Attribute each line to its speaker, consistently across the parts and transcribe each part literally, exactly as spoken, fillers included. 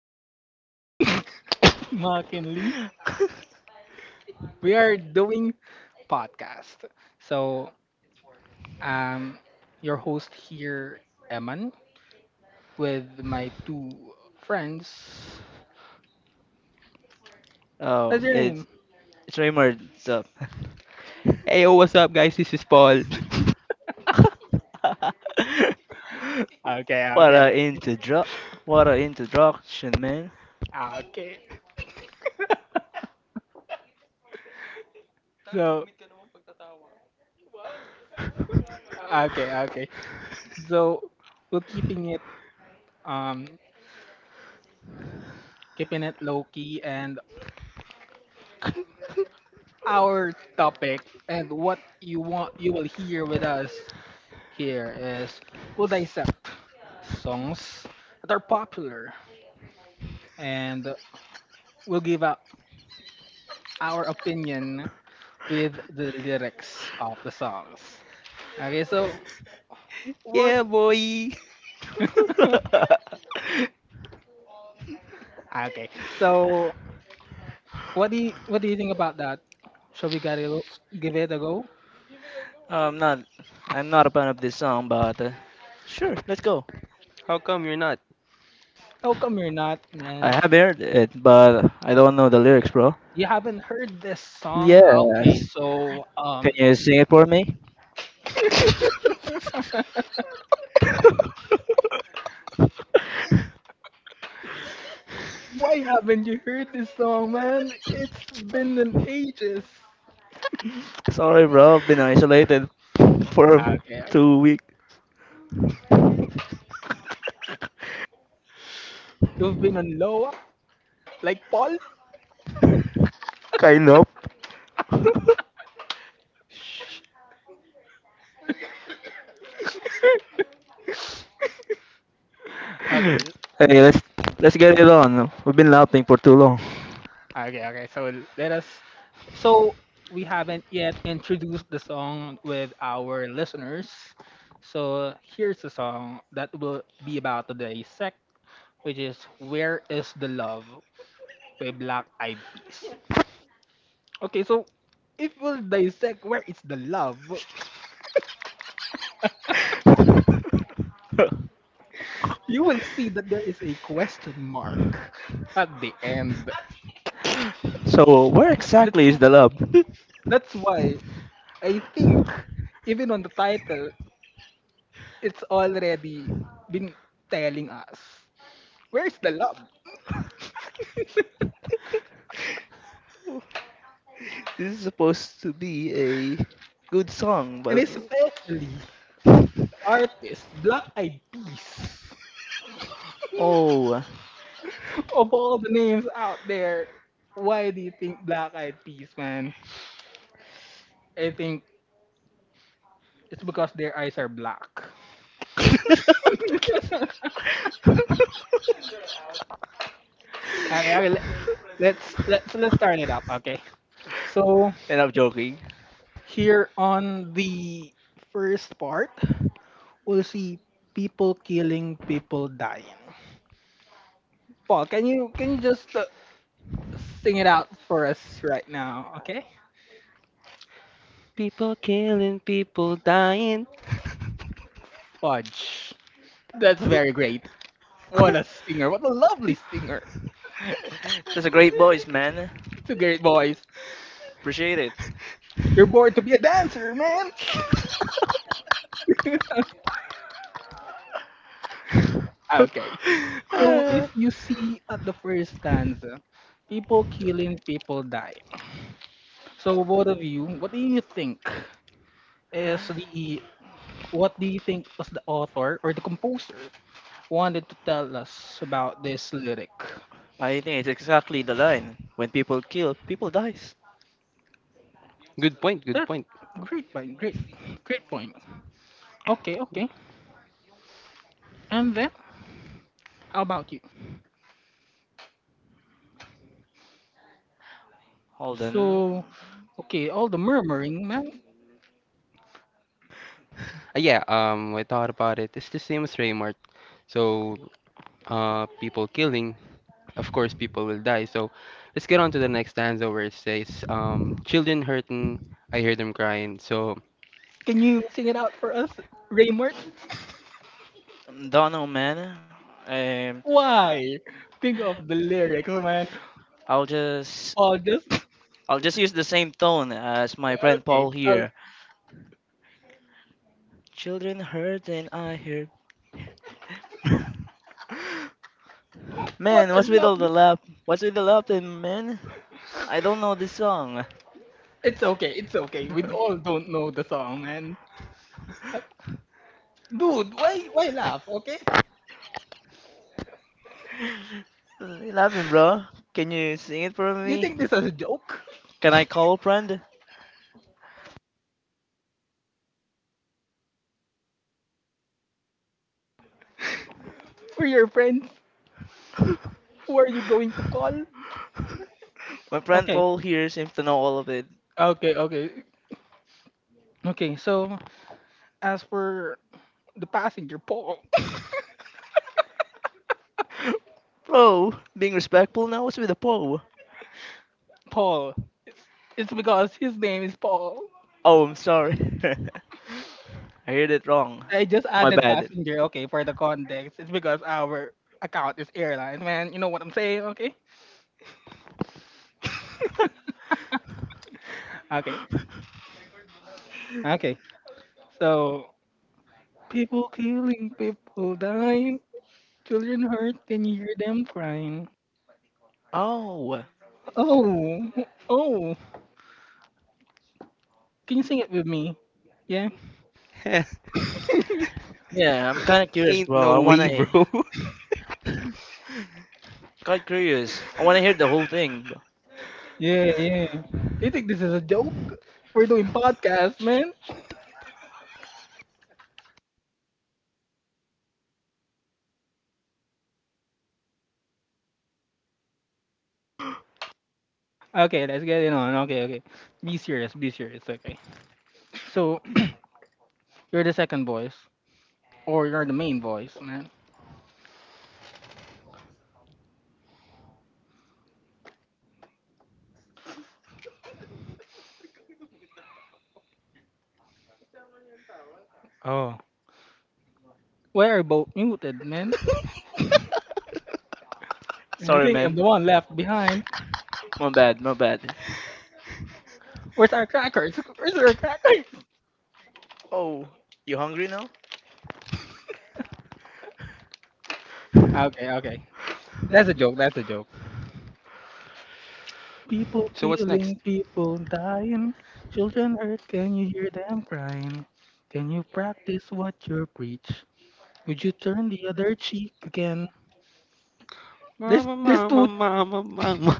Speaker 1: Here at Mackinley, we are doing podcast. So, um, your host here, Eman, with my two friends.
Speaker 2: oh,
Speaker 1: What's your
Speaker 2: it's
Speaker 1: name?
Speaker 2: it's Raymond. So,
Speaker 3: Hey, yo, what's up, guys? This is Paul.
Speaker 1: Okay,
Speaker 2: what a
Speaker 1: okay,
Speaker 2: intro, what a introduction, man.
Speaker 1: okay. So, okay, okay. So, we're keeping it, um, keeping it low key, and our topic and what you want, you will hear with us here is we'll dissect songs that are popular and we'll give out our opinion with the lyrics of the songs. Okay, so what?
Speaker 3: Yeah, boy.
Speaker 1: Okay, so what do you what do you think about that? Shall we get it, give it a go?
Speaker 2: I'm not, I'm not a fan of this song, but uh, sure, let's go.
Speaker 3: How come you're not?
Speaker 1: How come you're not, man?
Speaker 2: I have heard it, but I don't know the lyrics, bro.
Speaker 1: You haven't heard this song? Okay,
Speaker 2: Yes.
Speaker 1: so
Speaker 2: Can
Speaker 1: um,
Speaker 2: you sing it for me?
Speaker 1: why haven't you heard this song, man? It's been an ages.
Speaker 2: Sorry, bro. I've been isolated for
Speaker 1: Okay.
Speaker 2: two weeks.
Speaker 1: You've been on low like Paul.
Speaker 2: Kind of.
Speaker 1: Okay.
Speaker 2: Hey, let's let's get it on. We've been laughing for too long.
Speaker 1: Okay. Okay. So let us. So we haven't yet introduced the song with our listeners. So here's the song that will be about today's sec, which is "Where Is the Love" by Black Eyed Peas. Okay. So if we'll dissect where is the love, you will see that there is a question mark at the end.
Speaker 2: So, where
Speaker 1: Th- That's
Speaker 2: exactly is the lab?
Speaker 1: That's why I think, even on the title, it's already been telling us where's the love,
Speaker 2: This is supposed to be a good song,
Speaker 1: and
Speaker 2: but
Speaker 1: especially artists, Black Eyed Peas.
Speaker 2: Oh,
Speaker 1: Of all the names out there, why do you think Black Eyed Peas, man? I think it's because their eyes are black. Okay, okay let, let's let's let's start it up. Okay, so
Speaker 2: and I'm joking.
Speaker 1: here on the first part, we'll see people killing, people dying. Paul, can you can you just uh, sing it out for us right now, okay?
Speaker 3: People killing, people dying.
Speaker 1: Fudge. That's very great. What a singer. What a lovely singer.
Speaker 2: That's a great voice, man.
Speaker 1: It's a great voice.
Speaker 2: Appreciate it.
Speaker 1: You're born to be a dancer, man. Okay. So
Speaker 3: Ah.
Speaker 1: if you see at the first stanza, people killing, people dying. So both of you, what do you think is the what do you think was the author or the composer wanted to tell us about this lyric.
Speaker 2: I think it's exactly the line. When people kill, people dies.
Speaker 3: Good point. Good
Speaker 1: That's
Speaker 3: point.
Speaker 1: great point. Great, great point. Okay, okay. And then, how about you?
Speaker 2: Hold
Speaker 1: So,
Speaker 2: on.
Speaker 1: okay, all the murmuring, man.
Speaker 3: Uh, yeah. Um, I thought about it. It's the same as Raymart. So, uh, people killing. Of course, people will die. So, let's get on to the next stanza where it says, um, children hurting. I hear them crying. So,
Speaker 1: Can you sing it out for us, Raymart?
Speaker 2: Don't know, man. Um,
Speaker 1: Why? Think of the lyrics, man.
Speaker 2: I'll just.
Speaker 1: All just
Speaker 2: I'll just use the same tone as my friend
Speaker 1: okay.
Speaker 2: Paul
Speaker 1: Okay.
Speaker 2: here. Children hurt and I hurt.
Speaker 1: What
Speaker 2: Man,
Speaker 1: a
Speaker 2: what's with all
Speaker 1: lovely.
Speaker 2: the laugh? What's with the laughter, man? I don't know this song.
Speaker 1: It's okay. It's okay. We all don't know the song, man. Uh, Dude, why why laugh? Okay.
Speaker 2: Laughing, bro. Can you sing it for
Speaker 1: Do you
Speaker 2: me?
Speaker 1: think this is a joke
Speaker 2: Can I call friend?
Speaker 1: for your friends? Who are you going to call?
Speaker 2: My friend
Speaker 1: Okay.
Speaker 2: Paul here seems to know all of it.
Speaker 1: Okay. Okay. Okay. So as for the passenger, Paul.
Speaker 2: Bro, being respectful now. What's with the Paul?
Speaker 1: Paul. It's because his name is Paul.
Speaker 2: Oh, I'm sorry. I heard it wrong.
Speaker 1: I just
Speaker 2: My
Speaker 1: added
Speaker 2: bad.
Speaker 1: passenger. Okay, for the context, it's because our account is airlines, man. You know what I'm saying? Okay. Okay. Okay. So people killing, people dying, children hurt. Can you hear them crying?
Speaker 2: Oh,
Speaker 1: Oh. Oh. Can you sing it with me? Yeah.
Speaker 2: yeah, I'm kind of curious,
Speaker 3: ain't
Speaker 2: bro. I
Speaker 3: no
Speaker 2: wanna,
Speaker 3: way, bro.
Speaker 2: quite curious. I wanna hear the whole thing, bro.
Speaker 1: Yeah, yeah. You think this is a joke? We're doing podcast, man. Okay, let's get it on. Okay, okay. Be serious, be serious. Okay. So you're the second voice, or you're the main voice, man. Oh, why are both muted, man? I
Speaker 2: Sorry,
Speaker 1: think I'm
Speaker 2: man.
Speaker 1: the one left behind.
Speaker 2: My bad, my bad.
Speaker 1: Where's our crackers? Where's our crackers?
Speaker 2: Oh, you hungry now?
Speaker 1: Okay, okay. That's a joke. That's a joke. People
Speaker 3: So what's next?
Speaker 1: killing, people dying, children hurt. Can you hear them crying? Can you practice what you preach? Would you turn the other cheek again? There's
Speaker 3: Mama,
Speaker 1: there's
Speaker 3: mama,
Speaker 1: two
Speaker 3: mama, mama.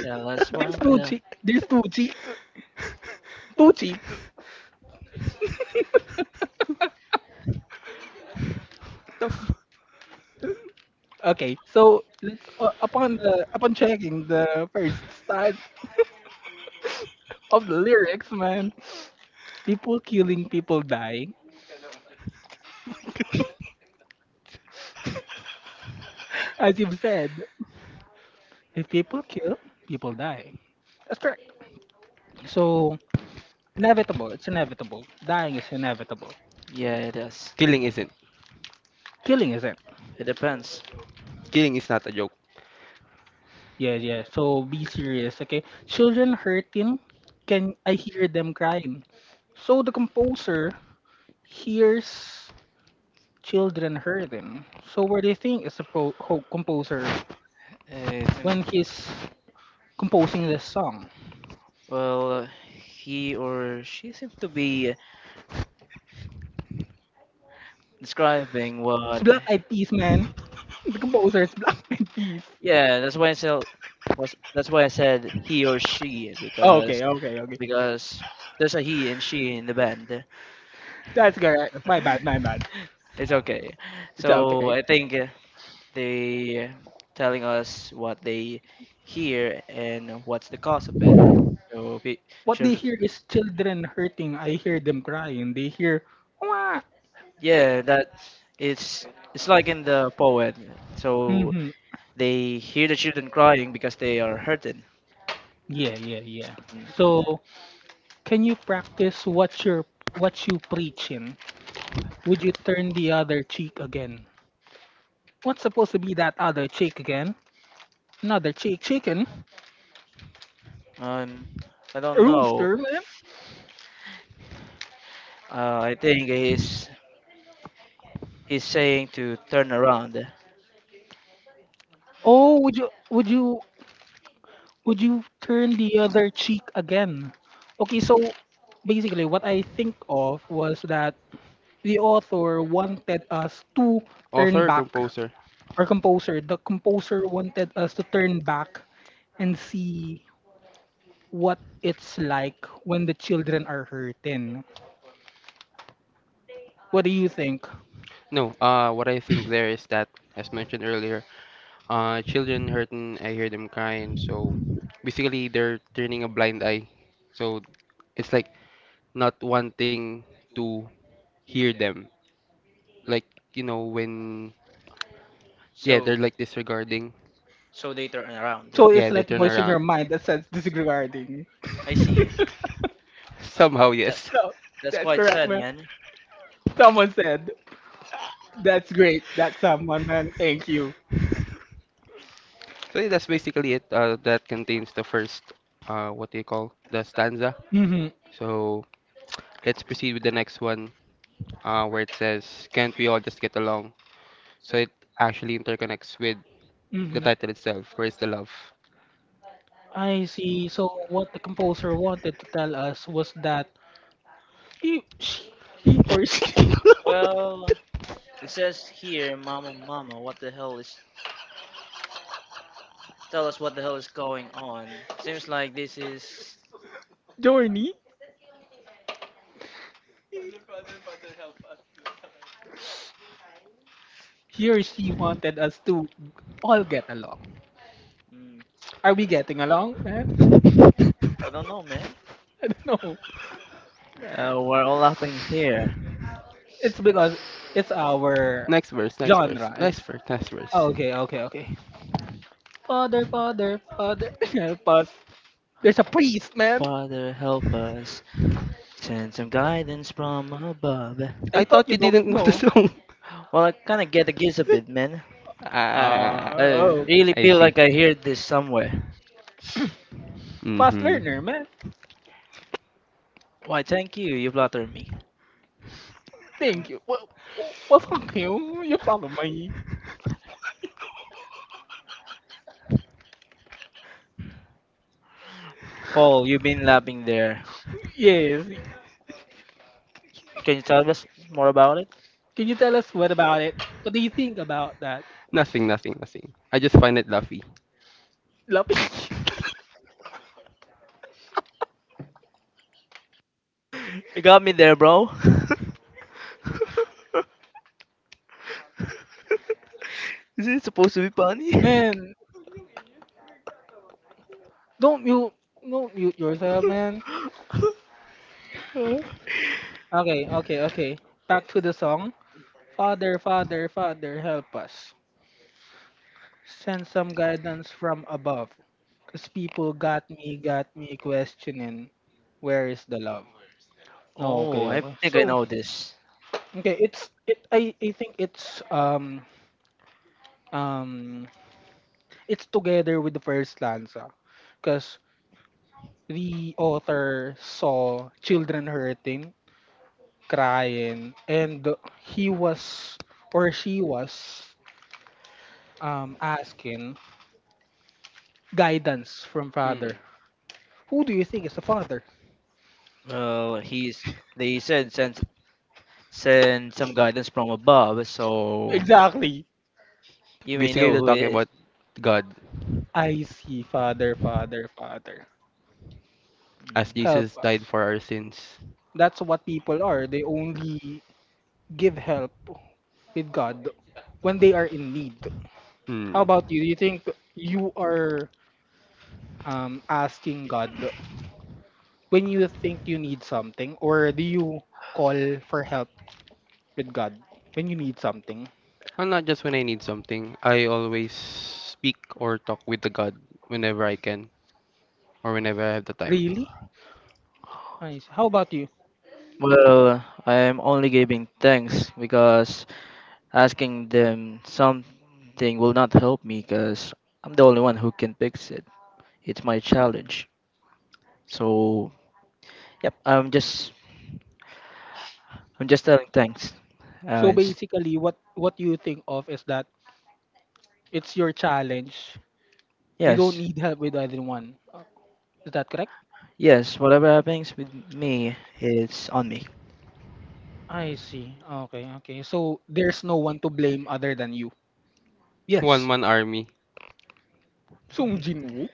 Speaker 2: Tell us
Speaker 1: there's
Speaker 2: what
Speaker 1: two
Speaker 2: the.
Speaker 1: cheek there's two cheek two cheek.
Speaker 3: The f-
Speaker 1: Okay, so let's uh, upon the upon checking the first stanza of the lyrics, man. People killing, people dying. As you've said, if people kill, people die. That's correct. So inevitable. It's inevitable. Dying is inevitable.
Speaker 2: Yeah, it is.
Speaker 3: killing isn't.
Speaker 1: Killing isn't.
Speaker 2: It depends.
Speaker 3: Killing is not a joke.
Speaker 1: Yeah, yeah. So be serious, okay? Children hurting. Can I hear them crying? So the composer hears children hurting. So what do you think is the pro- co- composer
Speaker 2: Uh,
Speaker 1: when
Speaker 2: sim-
Speaker 1: he's composing this song?
Speaker 2: well, he or she seems to be describing
Speaker 1: It's
Speaker 2: what.
Speaker 1: Black Eyed Peas, man. The composer is Black Eyed Peas.
Speaker 2: Yeah, that's why I said. Was that's why I said he or she
Speaker 1: Oh.
Speaker 2: because
Speaker 1: Okay, okay, okay.
Speaker 2: because there's a he and she in the band.
Speaker 1: That's correct. My bad, my bad.
Speaker 2: It's okay.
Speaker 1: It's okay.
Speaker 2: So I think uh, they telling us what they hear and what's the cause of it. So pe-
Speaker 1: What they
Speaker 2: children,
Speaker 1: hear is children hurting. I hear them crying. They hear, wah.
Speaker 2: yeah, that it's it's like in the poet. So
Speaker 1: Mm-hmm.
Speaker 2: they hear the children crying because they are hurting.
Speaker 1: Yeah, yeah, yeah.
Speaker 2: Mm.
Speaker 1: So can you practice what you're what you preaching? Would you turn the other cheek again? What's supposed to be that other cheek again? Not the chick, chicken,
Speaker 2: Um, I don't know.
Speaker 1: rooster. Man.
Speaker 2: Uh, I think he's he's saying to turn around.
Speaker 1: Oh, would you would you would you turn the other cheek again? Okay, so basically what I think of was that the author wanted us to turn
Speaker 3: Author or
Speaker 1: back.
Speaker 3: composer?
Speaker 1: Our composer, the composer wanted us to turn back and see what it's like when the children are hurting. What do you think?
Speaker 3: No, uh, what I think there is that, as mentioned earlier, uh, children hurting, I hear them crying. So basically, they're turning a blind eye. So it's like not wanting to hear them. Like, you know, when, yeah, they're
Speaker 2: So
Speaker 3: like disregarding.
Speaker 2: so they turn around.
Speaker 1: So it's
Speaker 3: Yeah, they
Speaker 1: like
Speaker 3: turn
Speaker 1: voice in your
Speaker 3: around.
Speaker 1: mind that says disregarding.
Speaker 2: I see.
Speaker 3: Somehow,
Speaker 2: That
Speaker 3: yes.
Speaker 1: So
Speaker 2: that's
Speaker 1: that's
Speaker 2: quite
Speaker 1: correct,
Speaker 2: sad,
Speaker 1: man.
Speaker 2: man.
Speaker 1: Someone said. That's great. That's someone, man. Thank you.
Speaker 3: So yeah, that's basically it. Uh, that contains the first, uh, what do you call the stanza.
Speaker 1: hmm
Speaker 3: So let's proceed with the next one. Uh, where it says, can't we all just get along? So it actually interconnects with the
Speaker 1: hmm
Speaker 3: title itself. Where's the love?
Speaker 1: I see. So what the composer wanted to tell us was that he, she, He or she,
Speaker 2: Well, it says here, Mama, Mama, what the hell is? Tell us what the hell is going on. Seems like this is.
Speaker 1: Journey. He or she wanted us to all get along.
Speaker 2: Mm,
Speaker 1: Are we getting along, man?
Speaker 2: I don't know, man.
Speaker 1: I don't know.
Speaker 2: Uh, we're all up in here.
Speaker 1: It's because it's our
Speaker 3: Next verse, next verse,
Speaker 1: genre.
Speaker 3: next
Speaker 1: It's
Speaker 3: verse, next
Speaker 1: Oh,
Speaker 3: verse.
Speaker 1: okay, okay, okay. Father, father, father. Pause. There's a priest, man.
Speaker 2: Father, help us. Send some guidance from above.
Speaker 1: I
Speaker 3: I
Speaker 1: thought
Speaker 3: thought
Speaker 1: you
Speaker 3: you
Speaker 1: don't
Speaker 3: didn't know the
Speaker 1: know.
Speaker 3: song.
Speaker 2: Well, I kind of get the gist of it, man.
Speaker 3: Ah,
Speaker 1: Ah,
Speaker 2: I
Speaker 1: oh, okay.
Speaker 2: really
Speaker 3: I
Speaker 2: feel
Speaker 3: see.
Speaker 2: like I heard this somewhere.
Speaker 1: Fast
Speaker 3: Mm-hmm.
Speaker 1: learner, man.
Speaker 2: Why, thank you. You flattered me.
Speaker 1: Thank you. Well, well, well, fuck you. You follow me.
Speaker 2: Paul, you've been lapping there.
Speaker 1: Yes.
Speaker 2: Can you tell us more about it?
Speaker 1: Can you tell us what about it? What do you think about that?
Speaker 3: Nothing, nothing, nothing. I just find it laughy.
Speaker 1: Lapis.
Speaker 2: You got me there, bro. Is it supposed to be funny?
Speaker 1: Man, don't mute, don't mute yourself, man.
Speaker 2: Uh.
Speaker 1: Okay, okay, okay. Back to the song. Father, Father, Father, help us. Send some guidance from above. Cause people got me, got me questioning. Where is the love? Oh,
Speaker 2: Oh,
Speaker 1: okay,
Speaker 2: I
Speaker 1: okay.
Speaker 2: think I
Speaker 1: So,
Speaker 2: know this.
Speaker 1: okay, it's it. I I think it's um um it's together with the first stanza because the author saw children hurting crying, and he was or she was um asking guidance from father.
Speaker 3: Mm.
Speaker 1: Who do you think is the father?
Speaker 2: Well, he's they said send send some guidance from above, so
Speaker 1: Exactly.
Speaker 2: you may
Speaker 3: Basically,
Speaker 2: know
Speaker 3: they're
Speaker 2: who it
Speaker 3: talking
Speaker 2: is.
Speaker 3: about God
Speaker 1: I see. Father, father, father,
Speaker 3: as
Speaker 2: Mhm.
Speaker 1: help
Speaker 3: Jesus died
Speaker 1: us.
Speaker 3: for our sins.
Speaker 1: That's what people are. They only give help with God when they are in need. How
Speaker 3: Hmm.
Speaker 1: about you? Do you think you are um asking God when you think you need something, or do you call for help with God when you need something?
Speaker 3: And not just when I need something. I always speak or talk with the God whenever I can or whenever I have the time.
Speaker 1: Really? I How about you?
Speaker 2: Well, I'm only giving thanks because asking them something will not help me because I'm the only one who can fix it. It's my challenge. So, yep, I'm just I'm just telling thanks.
Speaker 1: So
Speaker 2: Uh,
Speaker 1: basically what what you think of is that it's your challenge. You don't
Speaker 2: Yes.
Speaker 1: need help with either one. Uh, Is that correct?
Speaker 2: Yes, whatever happens with me, it's on me.
Speaker 1: I see. Okay, okay. So there's no one to blame other than you.
Speaker 3: One
Speaker 2: Yes.
Speaker 3: man army.
Speaker 1: Sung Jinwoo.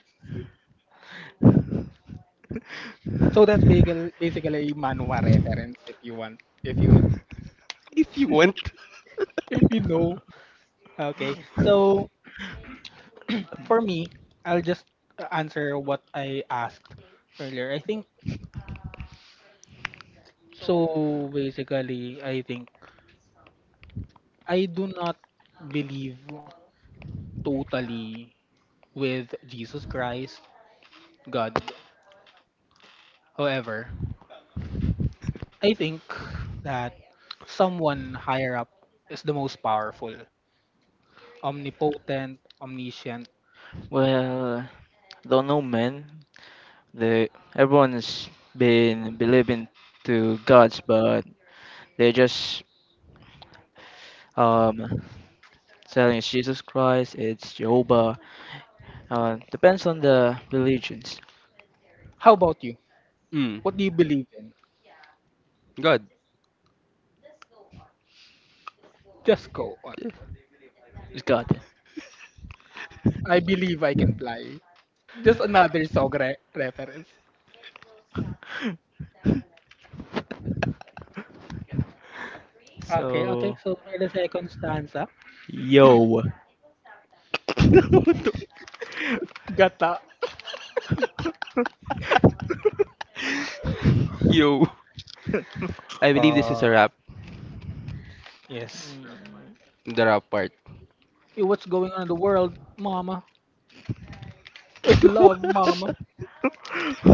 Speaker 1: So that's basically basically a manhwa reference if you want if you
Speaker 3: If you want.
Speaker 1: if you know. Okay. So for me, I'll just uh, answer what I asked earlier. I think so. Basically, I think I do not believe totally with Jesus Christ, God. However, I think that someone higher up is the most powerful, omnipotent, omniscient.
Speaker 2: Well, don't know, man. The everyone's been believing to gods, but they're just um telling it's Jesus Christ, it's Jehovah. Uh, depends on the religions.
Speaker 1: How about you?
Speaker 3: Mm.
Speaker 1: What do you believe in?
Speaker 3: God.
Speaker 1: Just go on.
Speaker 2: It's God.
Speaker 1: I believe I can fly. Just another song re- reference. Okay, okay.
Speaker 2: So,
Speaker 1: So for the second stanza,
Speaker 2: yo.
Speaker 3: What the
Speaker 1: gata.
Speaker 3: Yo. I believe this is a
Speaker 1: Uh,
Speaker 3: rap.
Speaker 1: yes.
Speaker 2: Mm.
Speaker 3: The rap part.
Speaker 1: Hey, what's going on in the world, mama? Where's love, mama?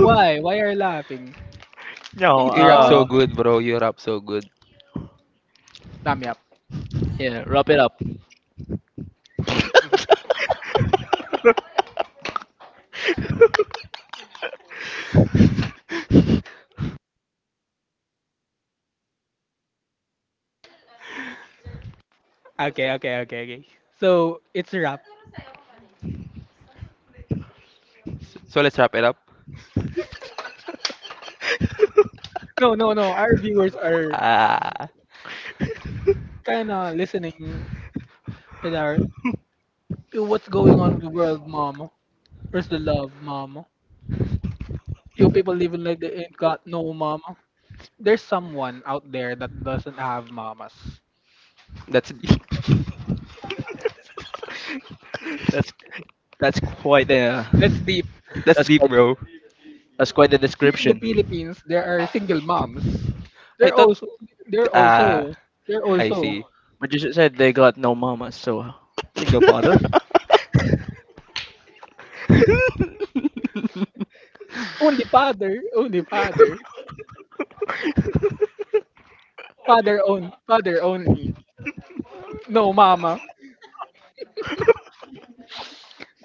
Speaker 1: Why? Why are you laughing?
Speaker 2: No.
Speaker 1: It's
Speaker 3: You rap so
Speaker 1: fun.
Speaker 2: Uh.
Speaker 3: good, bro. You rap so good.
Speaker 1: Damn yap.
Speaker 2: Yeah. Wrap it up.
Speaker 1: Okay, okay, okay, okay. So it's a wrap.
Speaker 3: So let's wrap it up.
Speaker 1: No, no, no. Our viewers are
Speaker 3: Ah,
Speaker 1: kinda listening with our "Yo, what's going on in the world, mama? Where's the love, mama? You people living like they ain't got no mama. There's someone out there that doesn't have mamas.
Speaker 3: that's deep.
Speaker 2: That's that's quite the uh,
Speaker 1: Let's deep.
Speaker 3: That's
Speaker 2: that's
Speaker 3: deep,
Speaker 2: quite
Speaker 3: bro.
Speaker 2: that's quite the
Speaker 1: Here in the
Speaker 2: description.
Speaker 1: Philippines, there are single moms.
Speaker 3: I
Speaker 1: They're
Speaker 3: thought.
Speaker 1: also, they're
Speaker 3: Ah,
Speaker 1: also, they're
Speaker 3: I see.
Speaker 1: also
Speaker 2: But you just said they got no mama, so single father.
Speaker 1: only father, only father, father on, father only. No mama.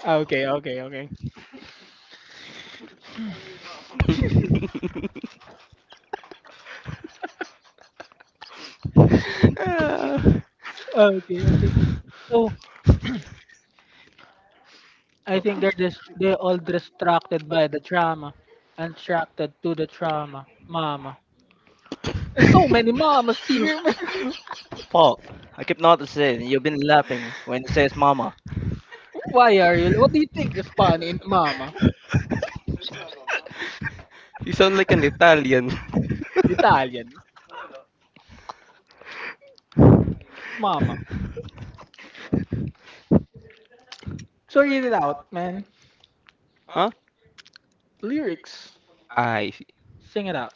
Speaker 1: Okay, okay, okay,
Speaker 3: Ah.
Speaker 1: okay, okay. So I
Speaker 2: So,
Speaker 1: think they're just they're all distracted by the drama, and attracted to the trauma, mama. There's so many mamas here.
Speaker 2: Paul, I keep noticing you've been laughing when he says mama.
Speaker 1: Why are you? What do you think is funny in mama?
Speaker 3: You sound like an Italian.
Speaker 1: Italian mama. Sorry it out, man.
Speaker 3: Huh?
Speaker 1: Lyrics.
Speaker 3: I see.
Speaker 1: Sing it out.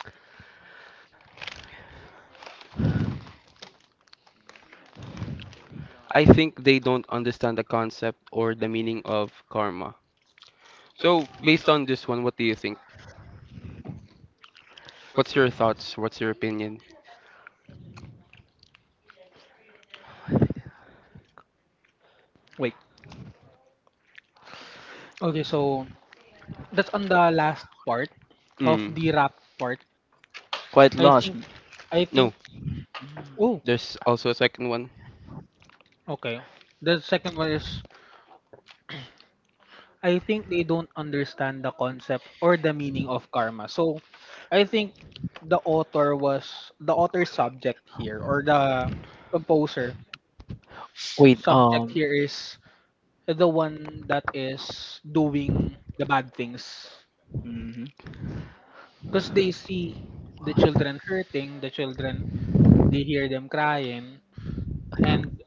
Speaker 3: I think they don't understand the concept or the meaning of karma. So, based on this one, what do you think? What's your thoughts? What's your opinion?
Speaker 1: Wait. Okay, so that's on the last part of
Speaker 3: Mm.
Speaker 1: the rap part.
Speaker 2: Quite
Speaker 1: I
Speaker 2: lost
Speaker 1: think
Speaker 2: me.
Speaker 1: I
Speaker 3: No.
Speaker 1: think Oh,
Speaker 3: There's also a second one.
Speaker 1: okay. The second one is I think they don't understand the concept or the meaning of karma. So I think the author was the author's subject here, or the composer
Speaker 2: Wait,
Speaker 1: subject
Speaker 2: um,
Speaker 1: here, is the one that is doing the bad things
Speaker 2: mhm.
Speaker 1: because they see the children hurting, the children, they hear them crying, and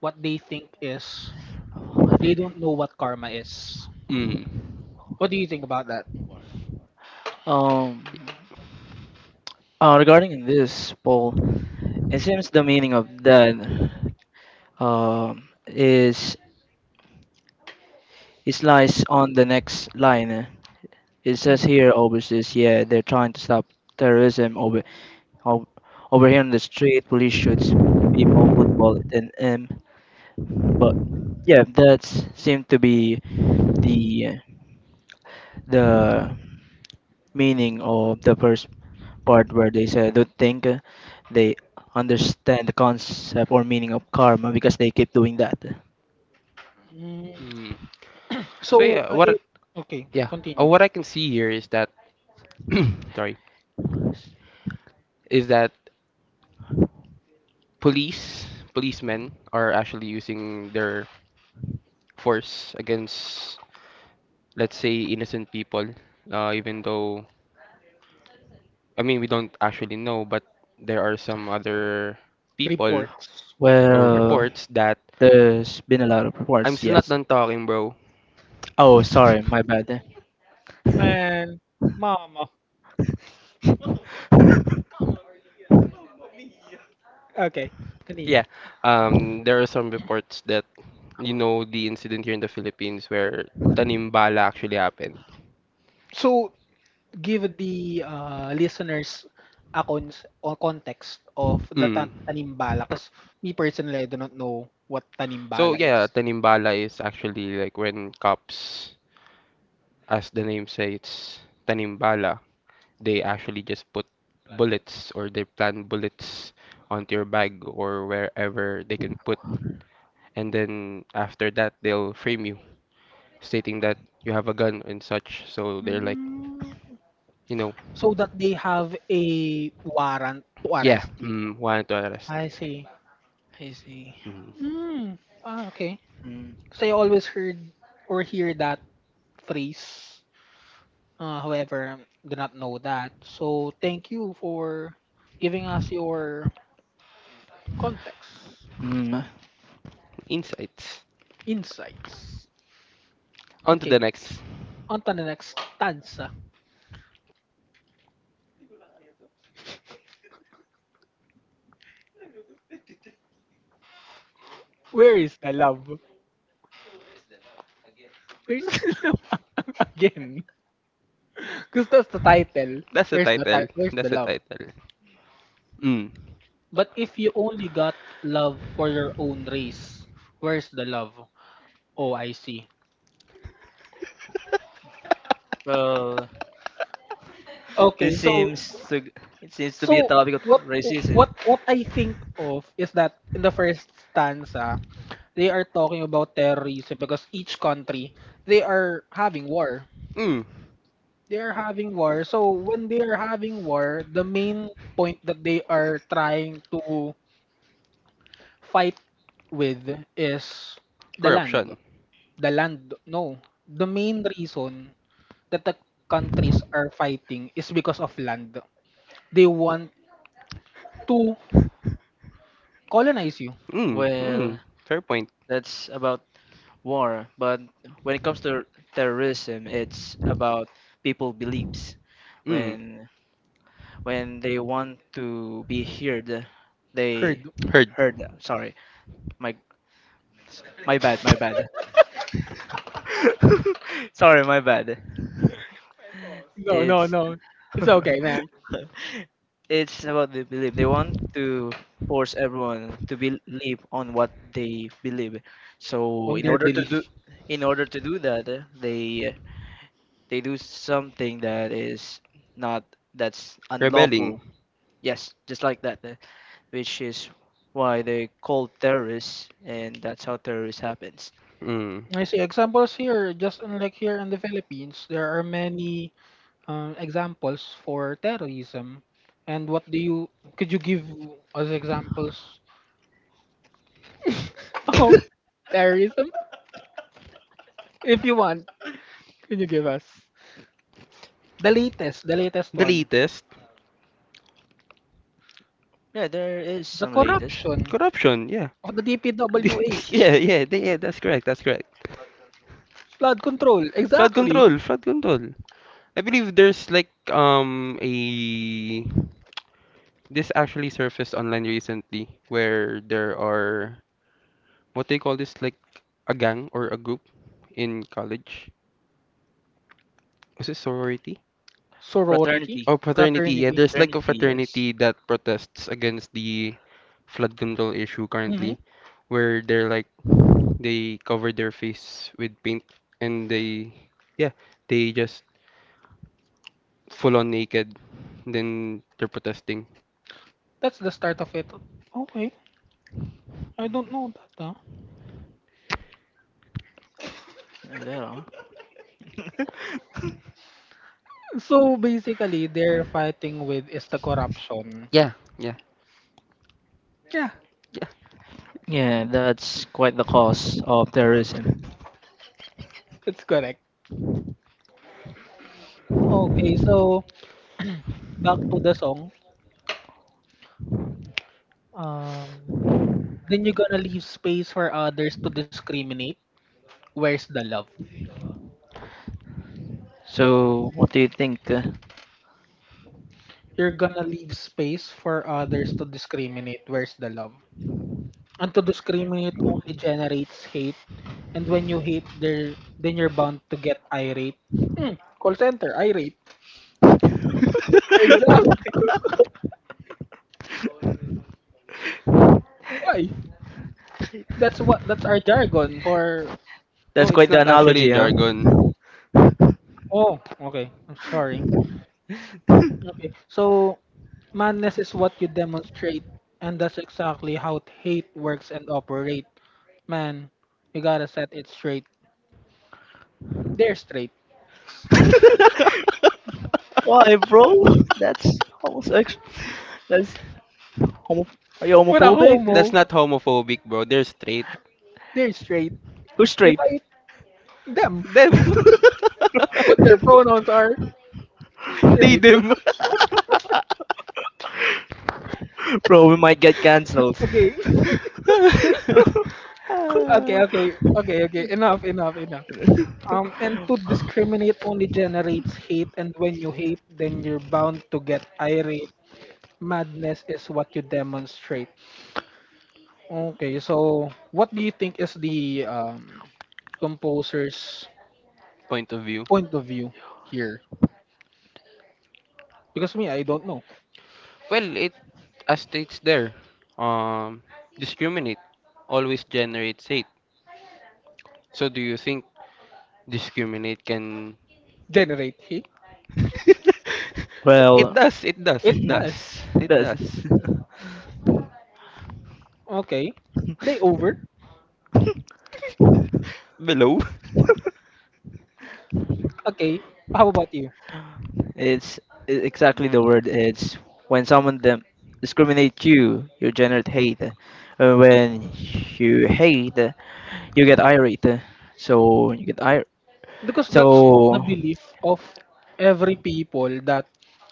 Speaker 1: what they think is they don't know what karma is.
Speaker 3: Mm.
Speaker 1: What do you think about that?
Speaker 2: um, uh, regarding this, Paul, it seems the meaning of that um is it lies on the next line. It says
Speaker 1: Mm.
Speaker 2: here overseas, yeah, they're trying to stop terrorism over over, over here on the street. Police shoots people, football bullet in him. But yeah, that seemed to be the the meaning of the first part where they said don't think uh, they understand the concept or meaning of karma because they keep doing that.
Speaker 1: Mm.
Speaker 3: Mm.
Speaker 1: So,
Speaker 3: So yeah,
Speaker 1: uh, it,
Speaker 3: what
Speaker 1: okay,
Speaker 3: yeah, uh,
Speaker 1: continue.
Speaker 3: what I can see here is that sorry, is that police policemen are actually using their force against let's say innocent people, uh, even though I mean, we don't actually know, but there are some other people
Speaker 1: Reports.
Speaker 3: or
Speaker 2: Well,
Speaker 3: reports that
Speaker 2: there's been a lot of
Speaker 3: I'm
Speaker 2: reports.
Speaker 3: still not
Speaker 2: Yes.
Speaker 3: done talking, bro.
Speaker 2: Oh, sorry, my bad.
Speaker 1: Man, mama. Okay, continue.
Speaker 3: Yeah, um, there are some reports that you know the incident here in the Philippines where Tanimbala actually happened.
Speaker 1: So, give the uh, listeners a, cons- a context of the
Speaker 3: Mm.
Speaker 1: tan- tanimbala because me personally, I do not know what
Speaker 3: So
Speaker 1: tanimbala is.
Speaker 3: yeah, Tanimbala is actually like when cops, as the name says, it's Tanimbala. They actually just put bullets or they plant bullets onto your bag or wherever they can put, and then after that they'll frame you stating that you have a gun and such, so they're like
Speaker 1: Mm.
Speaker 3: you know
Speaker 1: So that they have a warrant to
Speaker 3: yeah
Speaker 1: arrest you.
Speaker 3: mm, wanted to arrest
Speaker 1: I see.
Speaker 2: I see.
Speaker 3: mm,
Speaker 1: Mm. Ah, okay.
Speaker 2: Mm,
Speaker 1: Because I always heard or hear that phrase. Uh, however, do not know that. So thank you for giving us your context,
Speaker 2: mm,
Speaker 3: insights
Speaker 1: insights.
Speaker 3: on to
Speaker 1: Okay.
Speaker 3: the next.
Speaker 1: On to the next stanza. Where is the love? Where's the love again? Because that's the title.
Speaker 3: That's the
Speaker 1: Where's the ti-
Speaker 3: title.
Speaker 1: Where's the
Speaker 3: That's the
Speaker 1: love?
Speaker 3: title. Mm.
Speaker 1: But if you only got love for your own race, where's the love? Oh, I see.
Speaker 2: Well,
Speaker 1: Okay,
Speaker 2: this
Speaker 1: so
Speaker 2: seems to it seems to be a
Speaker 1: So
Speaker 2: topic of
Speaker 1: what
Speaker 2: racism.
Speaker 1: what what I think of is that in the first stanza, they are talking about terrorism because each country, they are having war.
Speaker 3: Mm.
Speaker 1: They are having war. So when they are having war, the main point that they are trying to fight with is the land.
Speaker 3: Corruption.
Speaker 1: The land no. The main reason that the countries are fighting is because of land. They want to colonize you.
Speaker 3: Mm. Mm.
Speaker 2: Well,
Speaker 3: Fair point.
Speaker 2: that's about war, but when it comes to terrorism, it's about people beliefs.
Speaker 3: Mm.
Speaker 2: When when they want to be heard, they
Speaker 1: Heard. Mm.
Speaker 3: Heard.
Speaker 2: heard. Sorry, my my bad, my bad. Sorry, my bad.
Speaker 1: No, no,
Speaker 2: It's
Speaker 1: no. It's okay, man.
Speaker 2: it's about the belief. They want to force everyone to believe on what they believe. So
Speaker 1: On
Speaker 2: in
Speaker 1: their
Speaker 2: order to
Speaker 1: belief.
Speaker 2: do in order to do that, uh, they they do something that is not that's
Speaker 3: Rebelling.
Speaker 2: unlawful. Yes, just like that, uh, which is why they call terrorists, and that's how terrorists happens.
Speaker 3: Mm.
Speaker 1: I see examples here, just unlike here in the Philippines, there are many um, examples for terrorism. And what do you, could you give us examples of terrorism? If you want, can you give us? The latest, the latest
Speaker 3: The
Speaker 1: one,
Speaker 3: latest
Speaker 2: Yeah, there is
Speaker 1: the
Speaker 2: some latest
Speaker 1: corruption
Speaker 3: corruption, yeah.
Speaker 1: of the D P W H,
Speaker 3: yeah, yeah, th- yeah, that's correct. That's correct.
Speaker 1: flood control,
Speaker 3: Flood
Speaker 1: exactly.
Speaker 3: control, flood control. I believe there's like um a this actually surfaced online recently where there are what they call this like a gang or a group in college. Is it sorority?
Speaker 2: fraternity.
Speaker 1: Sorority,
Speaker 3: Oh, fraternity. Yeah,
Speaker 1: fraternity.
Speaker 3: there's like a
Speaker 2: Fraternity, yes.
Speaker 3: fraternity that protests against the flood control issue
Speaker 1: Mm-hmm.
Speaker 3: currently, where they're like they cover their face with paint and they yeah, they just full on naked. Then they're protesting.
Speaker 1: That's the start of it. Okay, I don't know that. Huh?
Speaker 2: Yeah, there are.
Speaker 1: So basically, they're fighting with is the corruption.
Speaker 3: Yeah, yeah,
Speaker 1: Yeah,
Speaker 3: yeah.
Speaker 2: Yeah, that's quite the cost of terrorism.
Speaker 1: it's correct. Okay, so back to the song. Um, then you're gonna leave space for others to discriminate. Where's the love?
Speaker 2: So, what do you think? uh,
Speaker 1: You're gonna leave space for others to discriminate. Where's the love? And to discriminate only generates hate. And when you hate, there then you're bound to get irate. Hmm, call center irate. Exactly. Why? That's what that's our jargon for
Speaker 3: No,
Speaker 2: That's
Speaker 3: it's
Speaker 2: quite the
Speaker 3: not actually
Speaker 2: analogy, huh?
Speaker 3: jargon.
Speaker 1: Oh, okay. I'm sorry. Okay. So madness is what you demonstrate, and that's exactly how hate works and operate. Man, we gotta set it straight. They're straight.
Speaker 2: Why, bro? That's homosexual. That's homo. Are you
Speaker 1: What a
Speaker 2: homophobic?
Speaker 3: That's
Speaker 1: homo.
Speaker 3: not homophobic, bro. They're straight.
Speaker 1: They're straight.
Speaker 2: Who's
Speaker 1: If
Speaker 2: straight?
Speaker 1: I them,
Speaker 3: Them,
Speaker 1: what their pronouns are
Speaker 3: they
Speaker 1: straight.
Speaker 3: them.
Speaker 2: Bro, we might get cancelled.
Speaker 1: Okay. Okay,
Speaker 3: Ah,
Speaker 1: okay, okay, okay. Enough, enough, enough. Um, and to discriminate only generates hate, and when you hate, then you're bound to get irate. Madness is what you demonstrate. Okay, so what do you think is the um, composer's
Speaker 3: point of view.
Speaker 1: point of view here? Because me, I don't know.
Speaker 3: Well, it as states there, um, discriminate always generates hate. So do you think discriminate can?
Speaker 1: Generate he?
Speaker 3: It
Speaker 2: Well,
Speaker 3: does. It does.
Speaker 1: It
Speaker 3: It
Speaker 1: does.
Speaker 3: does. It
Speaker 2: that's
Speaker 3: does.
Speaker 1: Okay. Layover?
Speaker 3: Below.
Speaker 1: Okay. How about you?
Speaker 2: it's i- exactly the word. It's when someone them discriminate you, you generate hate. Uh, When you hate, you get irate. uh, So you get ir.
Speaker 1: Because that's the
Speaker 2: So
Speaker 1: belief of every people that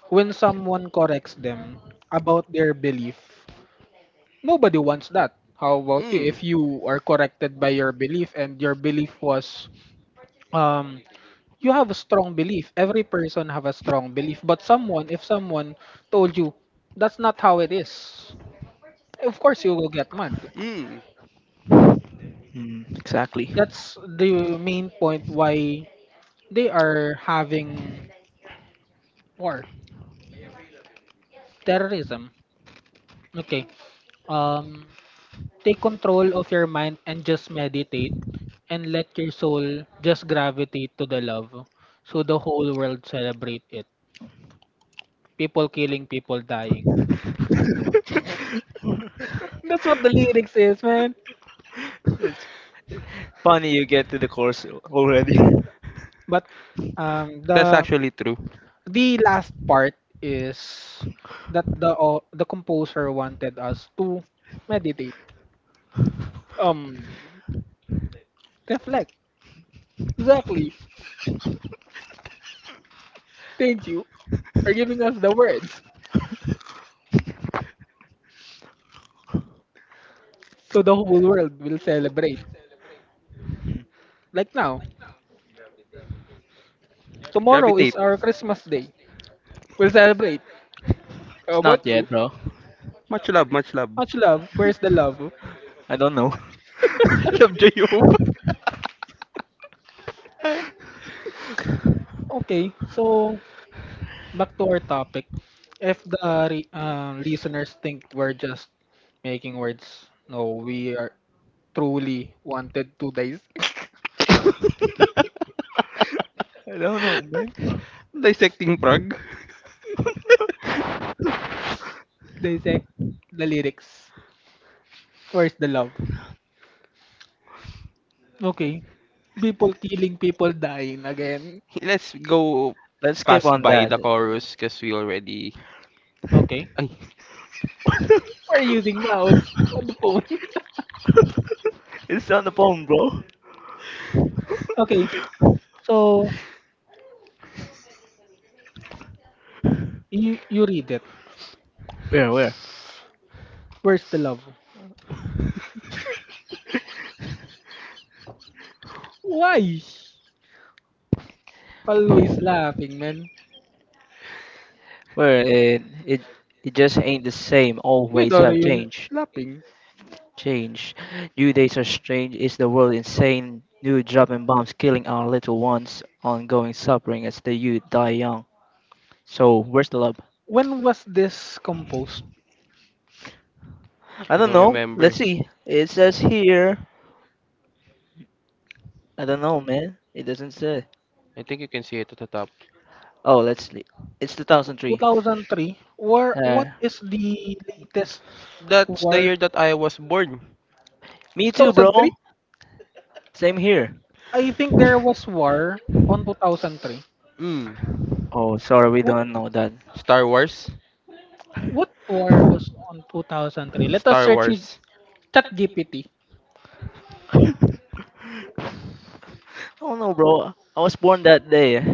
Speaker 1: when someone corrects them about their belief, nobody wants that. How about you?
Speaker 3: Mm.
Speaker 1: If you are corrected by your belief and your belief was um you have a strong belief. Every person have a strong belief. But someone, if someone told you that's not how it is, of course you will get mad.
Speaker 3: Mm.
Speaker 2: mm, exactly.
Speaker 1: That's the main point why they are having war, terrorism. Okay. Um, Take control of your mind and just meditate, and let your soul just gravitate to the love, so the whole world celebrate it. People killing, people dying. That's what the lyrics is, man.
Speaker 2: It's funny you get to the course already.
Speaker 1: But um
Speaker 3: That's
Speaker 1: the
Speaker 3: actually true.
Speaker 1: the last part is that the au- the composer wanted us to meditate, um reflect, exactly, thank you for giving us the words, so the whole world will celebrate,
Speaker 2: Mm.
Speaker 1: like now.
Speaker 3: Gravitate.
Speaker 1: Tomorrow is our Christmas day, we'll celebrate.
Speaker 2: It's
Speaker 1: How
Speaker 2: Oh, not
Speaker 1: about you?
Speaker 2: yet, bro.
Speaker 3: Much love. Much love.
Speaker 1: Much love. Where's the love?
Speaker 2: I don't know.
Speaker 3: Love Jayob.
Speaker 1: Okay, so back to our topic, if the re- uh, listeners think we're just making words, no, we are truly wanted to dis-
Speaker 2: I don't know, man.
Speaker 3: Dissecting Prague.
Speaker 1: dissect the lyrics. Where's the love? Okay. People killing, people dying again.
Speaker 3: Let's go
Speaker 2: Let's skip
Speaker 3: past
Speaker 2: on
Speaker 3: by
Speaker 2: that.
Speaker 3: the chorus because we already.
Speaker 1: Okay.
Speaker 3: Ay,
Speaker 1: We're using mouse on the phone.
Speaker 2: It's on the phone, bro.
Speaker 1: Okay. So you you read it.
Speaker 2: Where? Where?
Speaker 1: Where's the love? Why? Always laughing, man.
Speaker 2: Where it it it just ain't the same.
Speaker 1: Wait,
Speaker 2: Always
Speaker 1: are
Speaker 2: have
Speaker 1: you
Speaker 2: changed.
Speaker 1: laughing?
Speaker 2: Change. New days are strange. Is the world insane? New dropping bombs killing our little ones. Ongoing suffering as the youth die young. So where's the love?
Speaker 1: When was this composed?
Speaker 2: I
Speaker 3: I
Speaker 2: don't
Speaker 3: don't
Speaker 2: know.
Speaker 3: remember.
Speaker 2: Let's see. It says here. I don't know, man. It doesn't say.
Speaker 3: I think you can see it at the top.
Speaker 2: Oh, let's see. It's two thousand three.
Speaker 1: two thousand three. Where
Speaker 2: Uh,
Speaker 1: what is the latest
Speaker 3: That's the
Speaker 1: War
Speaker 3: year that I was born.
Speaker 2: me too, bro.
Speaker 1: two thousand three?
Speaker 2: Same here.
Speaker 1: I think there was war on two thousand three.
Speaker 3: Mm.
Speaker 2: Oh, sorry, we
Speaker 1: What
Speaker 2: don't know that.
Speaker 3: Star Wars.
Speaker 1: what war was on two thousand three? Let us
Speaker 3: Star
Speaker 1: search it-
Speaker 3: Wars.
Speaker 1: ChatGPT.
Speaker 2: Oh no, bro. I was born that day.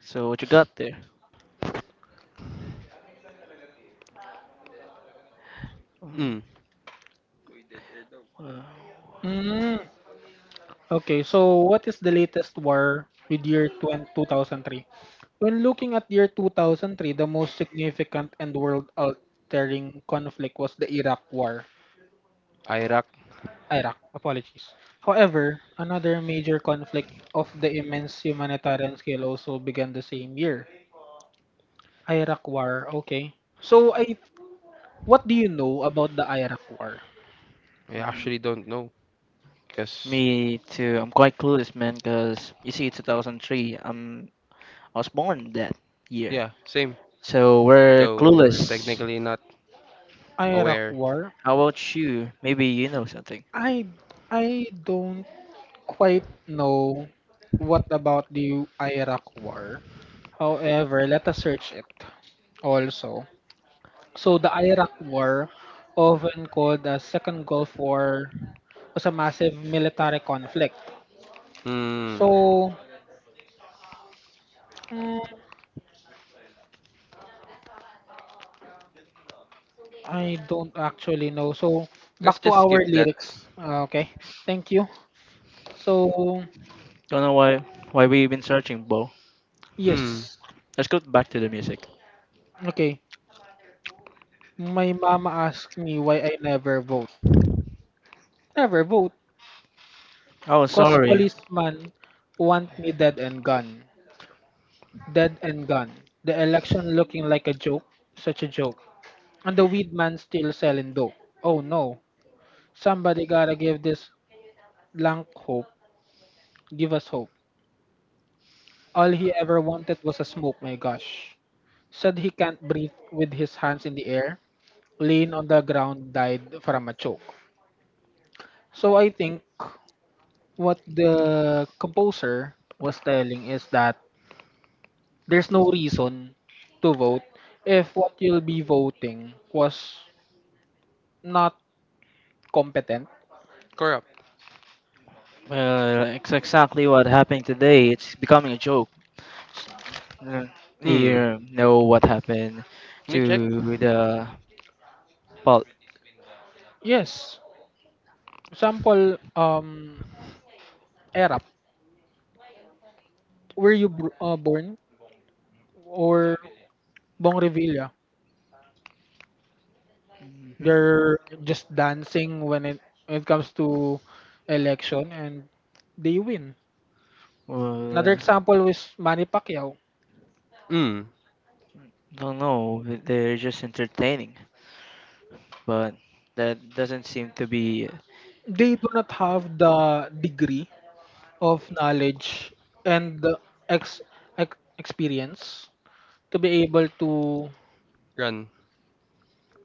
Speaker 2: So what you got there?
Speaker 3: Mm.
Speaker 2: Um, well,
Speaker 1: Mm. Okay, so what is the latest war with year twenty- two thousand three? When looking at year two thousand three, the most significant and world-altering conflict was the Iraq War.
Speaker 3: Iraq.
Speaker 1: Iraq, apologies. However, another major conflict of the immense humanitarian scale also began the same year. Iraq War, okay. So I what do you know about the Iraq War?
Speaker 3: I
Speaker 2: mm,
Speaker 3: actually don't know. Because,
Speaker 2: Me too. I'm quite clueless, man. Cause you see, two thousand three. Um, I was born that year.
Speaker 3: yeah, same.
Speaker 2: So we're
Speaker 3: So, we're
Speaker 2: clueless.
Speaker 3: technically not
Speaker 1: Iraq
Speaker 3: aware.
Speaker 1: War?
Speaker 2: How about you? Maybe you know something.
Speaker 1: I I don't quite know what about the Iraq War. However, let us search it also. So the Iraq War, often called the Second Gulf War, was a massive military conflict.
Speaker 3: Hmm.
Speaker 1: So mm, I don't actually know. So
Speaker 3: Let's
Speaker 1: back to
Speaker 3: just skip
Speaker 1: our
Speaker 3: that.
Speaker 1: lyrics. Uh, okay. Thank you. So
Speaker 2: Don't know why why we've been searching, bro.
Speaker 3: Hmm.
Speaker 1: Yes.
Speaker 2: Let's go back to the music.
Speaker 1: Okay. My mama asked me why I never vote. Never vote.
Speaker 2: Oh,
Speaker 1: Cause
Speaker 2: sorry.
Speaker 1: policeman want me dead and gone. Dead and gone. The election looking like a joke. Such a joke. And the weed man still selling dope. Oh no. Somebody gotta give this blank hope. Give us hope. All he ever wanted was a smoke, my gosh. Said he can't breathe with his hands in the air. Laying on the ground died from a choke. So I think what the composer was telling is that there's no reason to vote if what you'll be voting was not competent.
Speaker 3: Corrupt.
Speaker 2: Well, it's exactly what happened today. It's becoming a joke. uh,
Speaker 3: Hmm.
Speaker 2: you know what happened
Speaker 3: Can I check?
Speaker 2: to the pol
Speaker 1: Yes. Example, um, Erap, were you br- uh, born? Or Bong Revilla?
Speaker 2: Mhm.
Speaker 1: They're just dancing when it, when it comes to election and they win. Another
Speaker 2: Well,
Speaker 1: example is Manny Pacquiao.
Speaker 3: Hmm.
Speaker 2: don't know. They're just entertaining, but that doesn't seem to be.
Speaker 1: They do not have the degree of knowledge and the ex, ex experience to be able to
Speaker 3: Run.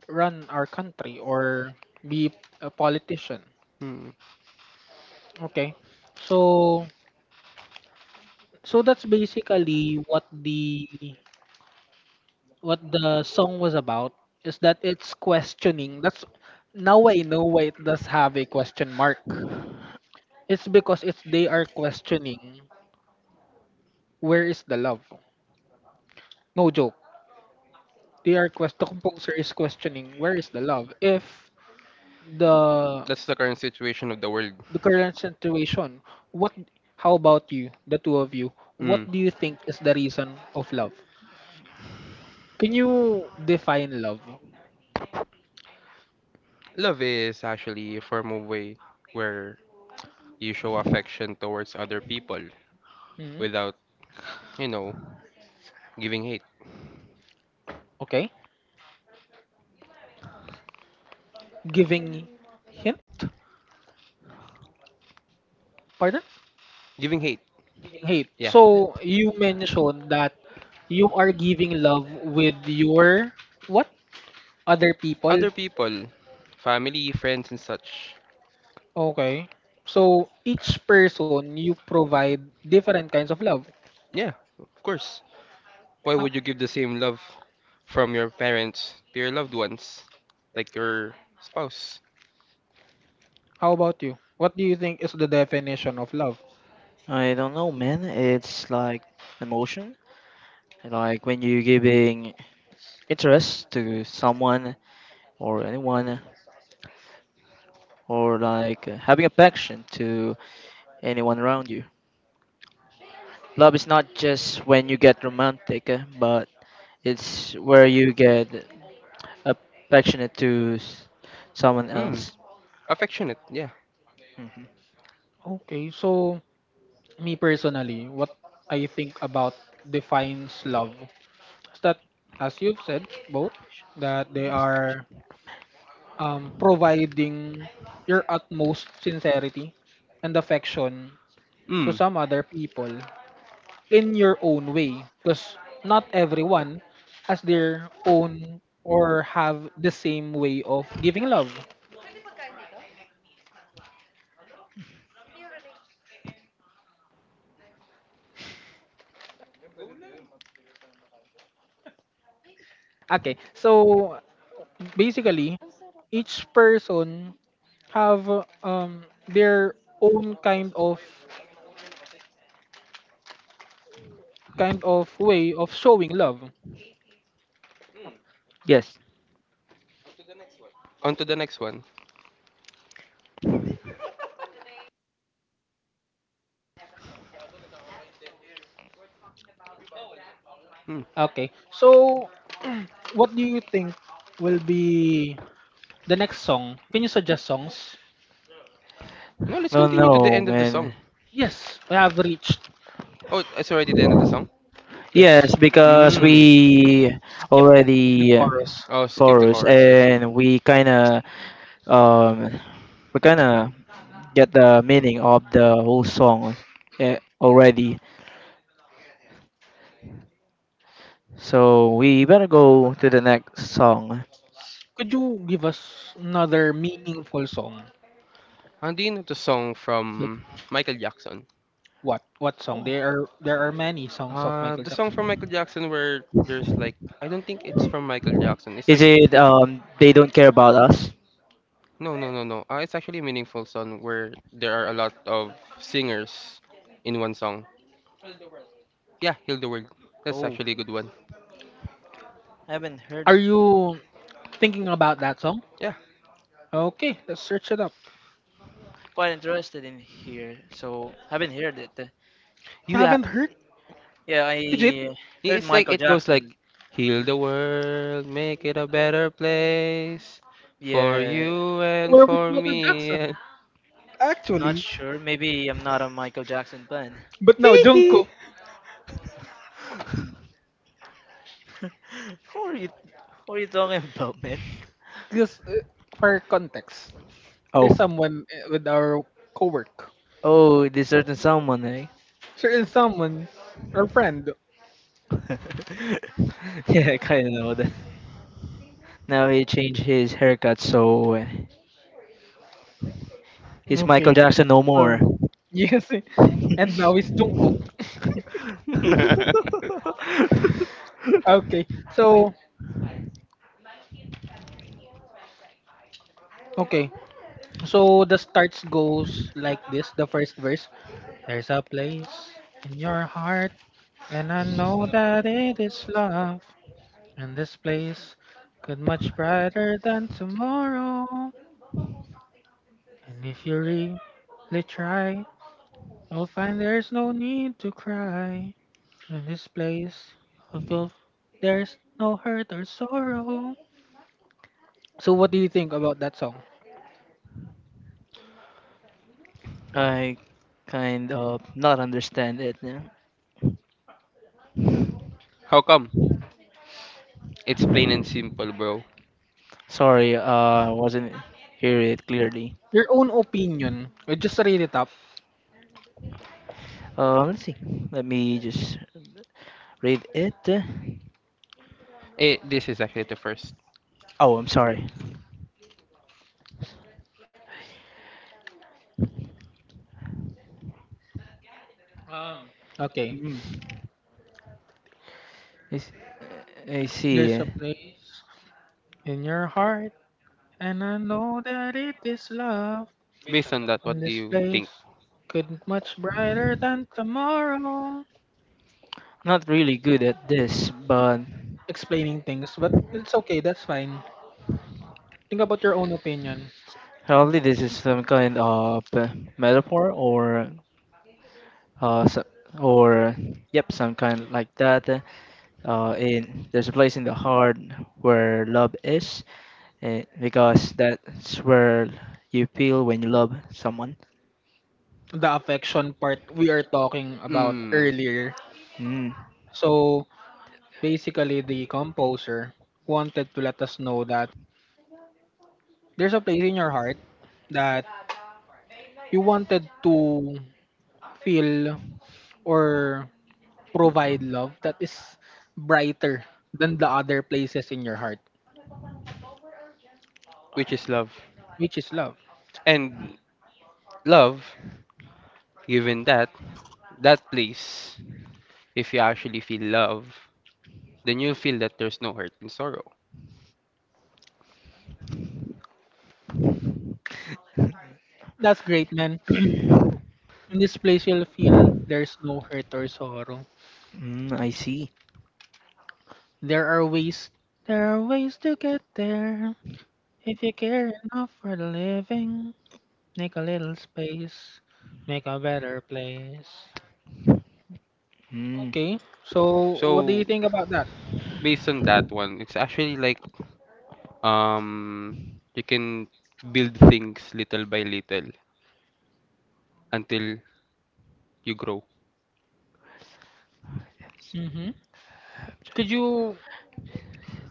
Speaker 1: run our country or be a politician.
Speaker 3: Hmm.
Speaker 1: Okay, so so that's basically what the what the song was about, is that it's questioning. That's now I know why it does have a question mark. It's because it's they are questioning where is the love, no joke. They are quest the composer is questioning where is the love if the
Speaker 3: That's the current situation of the world.
Speaker 1: the current situation. What? How about you, the two of you? What
Speaker 3: Hmm.
Speaker 1: do you think is the reason of love? Can you define love?
Speaker 3: Love is actually a form of way where you show affection towards other people
Speaker 1: Mhm.
Speaker 3: without, you know, giving hate.
Speaker 1: Okay. Giving hint? Pardon?
Speaker 3: Giving hate,
Speaker 1: Giving hate.
Speaker 3: yeah.
Speaker 1: So you mentioned that you are giving love with your what? Other people?
Speaker 3: Other people, family, friends, and such.
Speaker 1: Okay. So each person you provide different kinds of love.
Speaker 3: Yeah, of course. Why
Speaker 1: How?
Speaker 3: would you give the same love from your parents to your loved ones, like your spouse?
Speaker 1: How about you? What do you think is the definition of love?
Speaker 2: I don't know, man. It's like emotion. Like when you're giving interest to someone or anyone, or like uh, having affection to anyone around you. Love is not just when you get romantic, uh, but it's where you get affectionate to s- someone
Speaker 3: Hmm,
Speaker 2: else.
Speaker 3: affectionate, yeah.
Speaker 2: Mhm.
Speaker 1: Okay, so me personally, what I think about defines love is that, as you've said, both that they are um, providing your utmost sincerity and affection to
Speaker 3: Hmm,
Speaker 1: Mm. some other people in your own way, because not everyone has their own or have the same way of giving love. Okay, so basically each person have uh, um their own kind of kind of way of showing love.
Speaker 2: Yes.
Speaker 3: on to the next one. Hmm.
Speaker 1: Okay, so what do you think will be the next song? Can you suggest songs?
Speaker 3: No, let's
Speaker 2: No,
Speaker 3: continue to the
Speaker 2: no,
Speaker 3: end of the
Speaker 2: man.
Speaker 3: song.
Speaker 1: Yes, we have reached,
Speaker 3: Oh, it's already the end of the song?
Speaker 2: Yes,
Speaker 1: yes,
Speaker 2: because
Speaker 3: Hmm.
Speaker 2: we
Speaker 1: the
Speaker 2: already uh,
Speaker 1: chorus.
Speaker 3: Oh, skip the
Speaker 2: chorus
Speaker 3: chorus, I see.
Speaker 2: and we kind of um we kind of get the meaning of the whole song eh, already. So we better go to the next song.
Speaker 1: Could you give us another meaningful song?
Speaker 3: Hindi na the song
Speaker 2: Like,
Speaker 3: from Michael Jackson.
Speaker 1: What what song? There are there are many songs of
Speaker 3: Uh,
Speaker 1: Michael
Speaker 3: the song
Speaker 1: Jackson.
Speaker 3: from Michael Jackson where there's like I don't think it's from Michael Jackson. It's
Speaker 2: is
Speaker 3: like
Speaker 2: it um they don't care about us?
Speaker 3: no, no, no, no. Uh, it's actually a meaningful song where there are a lot of singers in one song. Yeah, heal the world. That's
Speaker 2: Oh,
Speaker 3: actually a good one.
Speaker 2: haven't heard.
Speaker 1: Are you thinking about that song?
Speaker 3: Yeah,
Speaker 1: Okay, let's search it up.
Speaker 2: Quite interested in here, so haven't heard it.
Speaker 1: You
Speaker 3: you. Uh,
Speaker 1: haven't heard.
Speaker 2: Yeah,
Speaker 1: Digit?
Speaker 2: I heard
Speaker 3: it's like
Speaker 2: Michael
Speaker 3: it goes
Speaker 2: Jackson.
Speaker 3: like heal the world, make it a better place for
Speaker 2: Yeah,
Speaker 3: you and
Speaker 1: Where was
Speaker 3: for
Speaker 1: Michael
Speaker 3: me.
Speaker 1: Jackson?
Speaker 3: And
Speaker 2: not
Speaker 1: Actually,
Speaker 2: sure. Maybe I'm not a Michael Jackson fan.
Speaker 1: but no,
Speaker 3: hee hee.
Speaker 1: Jungkook,
Speaker 2: Who are you? Who are you talking about, man?
Speaker 1: just uh, for context,
Speaker 2: Oh,
Speaker 1: there's someone uh, with our co-work.
Speaker 2: oh, this certain someone, eh?
Speaker 1: Certain someone, our friend.
Speaker 2: yeah, I kind of know that. Now he changed his haircut, so uh, he's Michael
Speaker 1: Okay,
Speaker 2: Jackson no more.
Speaker 1: um, yes, and now it's Jungkook. Okay, so, okay, so the starts goes like this, the first verse. There's a place in your heart, and I know that it is love. And this place could much brighter than tomorrow. And if you really try, you'll find there's no need to cry. In this place, you'll feel there's no hurt or sorrow. So, what do you think about that song?
Speaker 2: I kind of not understand it. Yeah.
Speaker 3: How come? It's plain and simple, bro.
Speaker 2: Sorry, uh, wasn't hear it clearly.
Speaker 1: Your own opinion. I just read it up.
Speaker 2: Uh, let's see. Let me just read it.
Speaker 3: Eh, this is actually the first.
Speaker 2: Oh, I'm sorry.
Speaker 1: Okay.
Speaker 2: Mm, I, s- I see.
Speaker 1: There's
Speaker 2: Yeah.
Speaker 1: a place in your heart, and I know that it is love.
Speaker 3: Based on that, what
Speaker 1: And
Speaker 3: do
Speaker 1: this
Speaker 3: you think?
Speaker 1: place could much brighter than tomorrow.
Speaker 2: Not really good at this, but
Speaker 1: Explaining things, but it's okay, that's fine. Think about your own opinion.
Speaker 2: probably this is some kind of uh, metaphor or uh, so, or yep, some kind like that. Uh, in there's a place in the heart where love is. eh, because that's where you feel when you love someone.
Speaker 1: The affection part we are talking about
Speaker 3: Mm,
Speaker 1: earlier.
Speaker 2: Mm,
Speaker 1: So basically, the composer wanted to let us know that there's a place in your heart that you wanted to feel or provide love that is brighter than the other places in your heart,
Speaker 3: which is love.
Speaker 1: which is love.
Speaker 3: and love, given that, that place, if you actually feel love, then you'll feel that there's no hurt and sorrow.
Speaker 1: That's great, man. In this place, you'll feel there's no hurt or sorrow.
Speaker 2: mm, I see.
Speaker 1: There are ways. There are ways to get there. If you care enough for the living, make a little space, make a better place.
Speaker 2: Mm.
Speaker 1: Okay, so what do
Speaker 3: So,
Speaker 1: you think about that?
Speaker 3: based on that one, it's actually like um you can build things little by little until you grow.
Speaker 1: hmm Could you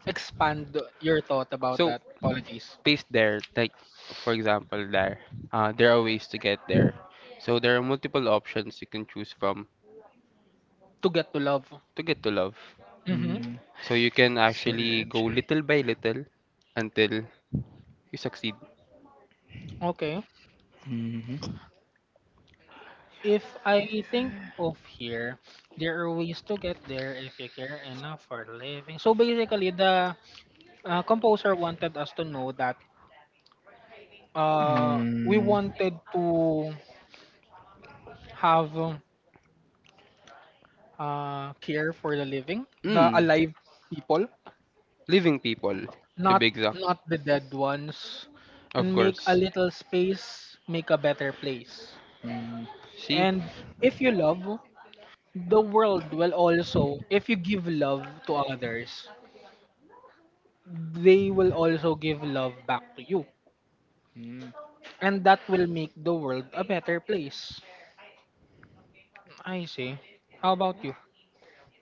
Speaker 1: expand your thought about
Speaker 3: So
Speaker 1: that? Apologies.
Speaker 3: based there, like for example, there, uh, there are ways to get there. So there are multiple options you can choose from
Speaker 1: To get to love.
Speaker 3: to get to love.
Speaker 1: hmm
Speaker 2: hmm Could Object.
Speaker 3: So you can
Speaker 2: You? hmm
Speaker 3: actually
Speaker 2: Mm.
Speaker 3: go
Speaker 2: So,
Speaker 3: little by little until you succeed.
Speaker 1: Okay.
Speaker 2: Mhm.
Speaker 1: If I think of here, there are ways to get there if you care enough for living. So basically, the uh, composer wanted us to know that uh, we
Speaker 2: Mm.
Speaker 1: wanted to have uh, care for the living, the
Speaker 3: Mm,
Speaker 1: alive people,
Speaker 3: living people, to
Speaker 1: not
Speaker 3: be exact.
Speaker 1: not the dead ones,
Speaker 3: Of
Speaker 1: and make a
Speaker 3: course.
Speaker 1: little space, make a better place.
Speaker 2: Mm.
Speaker 3: See?
Speaker 1: And if you love, the world will also, if you give love to others, they will also give love back to you,
Speaker 2: Mm.
Speaker 1: and that will make the world a better place. I see. How about you?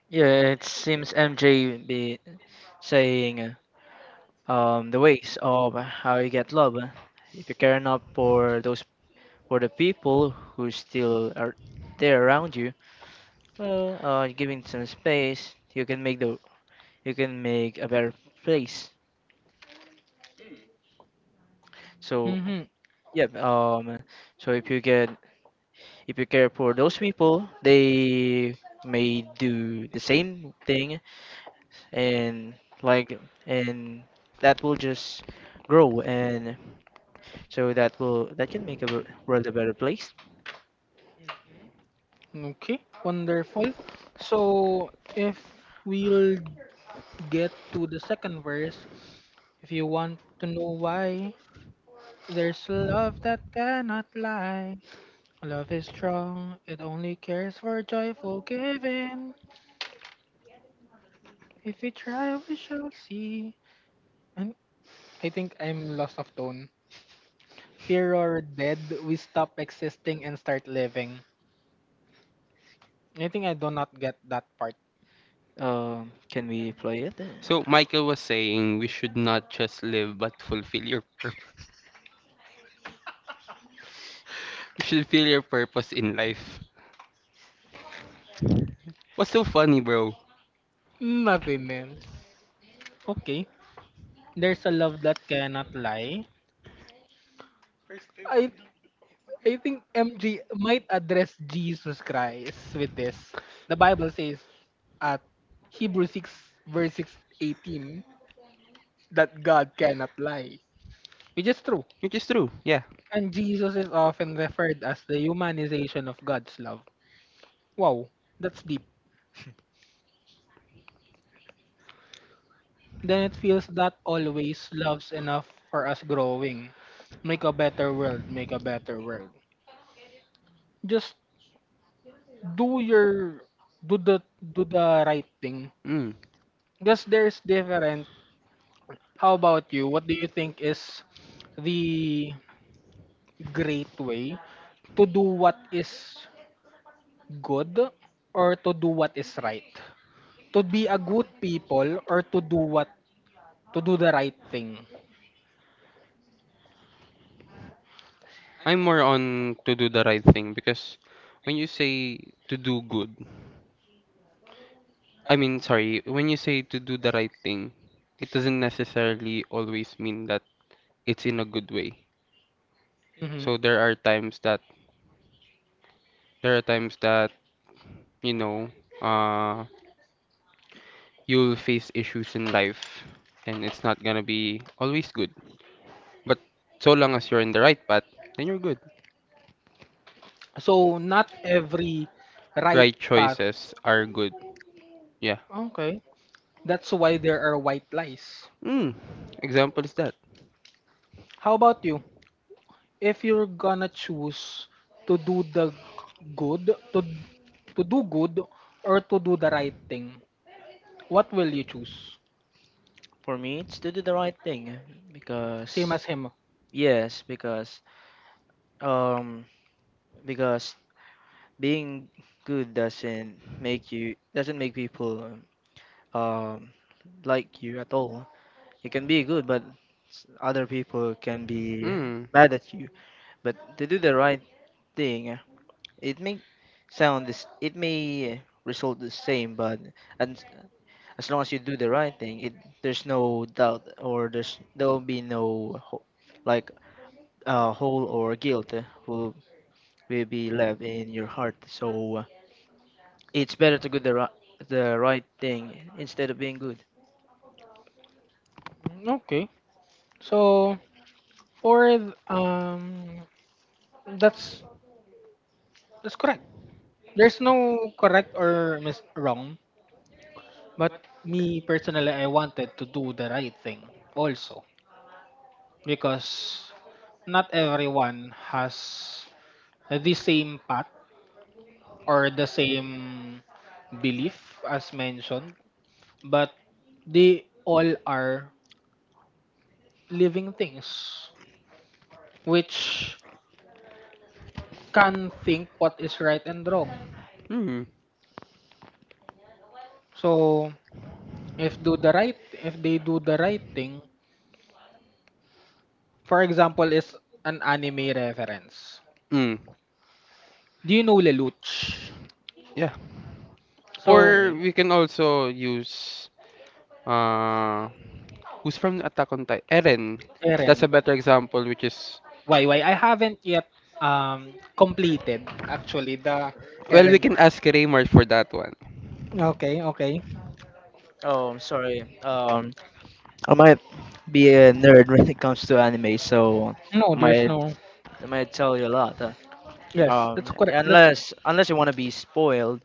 Speaker 2: Yeah, it seems M J be saying uh, um the ways of how you get love. uh, If you care enough for those for the people who still are there around you, Well, uh, giving some space, you can make the you can make a better place. So,
Speaker 1: Mm-hmm.
Speaker 2: yep. Um, so if you get if you care for those people, they may do the same thing, and like and that will just grow, and so that will that can make a wo- world a better place.
Speaker 1: Okay, wonderful. So, if we'll get to the second verse, if you want to know why, there's love that cannot lie. Love is strong, it only cares for joyful giving. If we try, we shall see. And I think I'm lost of tone. Here or dead, we stop existing and start living. I think I do not get that part.
Speaker 2: Um, can we play it?
Speaker 3: So
Speaker 2: Uh,
Speaker 3: Michael was saying we should not just live but fulfill your you should feel your purpose in life. What's so funny, bro?
Speaker 1: Nothing else. Okay. There's a love that cannot lie. I I think M G might address Jesus Christ with this. The Bible says at Hebrew six verse six eighteen that God cannot lie, which is true.
Speaker 3: It is true. Yeah.
Speaker 1: And Jesus is often referred as the humanization of God's love. Wow, that's deep. Then it feels that always loves enough for us growing. Make a better world, make a better world. Just do your do the do the right thing,
Speaker 3: Mm.
Speaker 1: because there's different. How about you? What do you think is the great way to do what is good or to do what is right? To be a good people or to do what to do the right thing.
Speaker 3: I'm more on to do the right thing because when you say to do good, I mean, sorry, when you say to do the right thing, it doesn't necessarily always mean that it's in a good way.
Speaker 1: Mhm.
Speaker 3: So there are times that there are times that you know, uh, you'll face issues in life, and it's not gonna be always good. But so long as you're in the right path, then you're good.
Speaker 1: So not every right
Speaker 3: Right
Speaker 1: path.
Speaker 3: choices are good. Yeah.
Speaker 1: Okay. That's why there are white lies.
Speaker 3: Mm. Example is that.
Speaker 1: How about you? If you're gonna choose to do the good, to to do good or to do the right thing, what will you choose?
Speaker 2: For me, it's to do the right thing
Speaker 1: Same
Speaker 2: because
Speaker 1: as him.
Speaker 2: yes, because um. Because being good doesn't make you doesn't make people um like you at all. You can be good, but other people can be
Speaker 3: Mm.
Speaker 2: mad at you. But to do the right thing, it may sound this it may result the same, but and as long as you do the right thing, it there's no doubt or there's there will be no ho- like uh, hole or guilt uh, will will be left in your heart. So it's better to do the right, the right thing instead of being good.
Speaker 1: Mm, Okay. So for th- um that's that's correct. There's no correct or mis- wrong, but me personally I wanted to do the right thing also because not everyone has the same path or the same belief as mentioned, but they all are living things which can think what is right and wrong.
Speaker 3: Mm.
Speaker 1: So if do the right if they do the right thing, for example, is an anime reference.
Speaker 3: Mm.
Speaker 1: Do you know Lelouch?
Speaker 3: Yeah.
Speaker 2: I know
Speaker 1: So
Speaker 3: Or
Speaker 2: him.
Speaker 3: we can also use uh who's from Attack on Titan? Eren.
Speaker 1: Eren,
Speaker 3: That's a better example which is
Speaker 1: why why I haven't yet um completed actually the
Speaker 3: well we
Speaker 1: Eren
Speaker 3: can
Speaker 1: part.
Speaker 3: ask Raymar for that one.
Speaker 1: Okay, okay,
Speaker 2: Oh, I'm sorry. Um, I might be a nerd when it comes to anime, so
Speaker 1: no,
Speaker 2: I
Speaker 1: there's
Speaker 2: might
Speaker 1: no.
Speaker 2: I might tell you a lot. uh,
Speaker 1: Yes,
Speaker 2: um,
Speaker 1: that's correct. That's
Speaker 2: unless unless you want to be spoiled,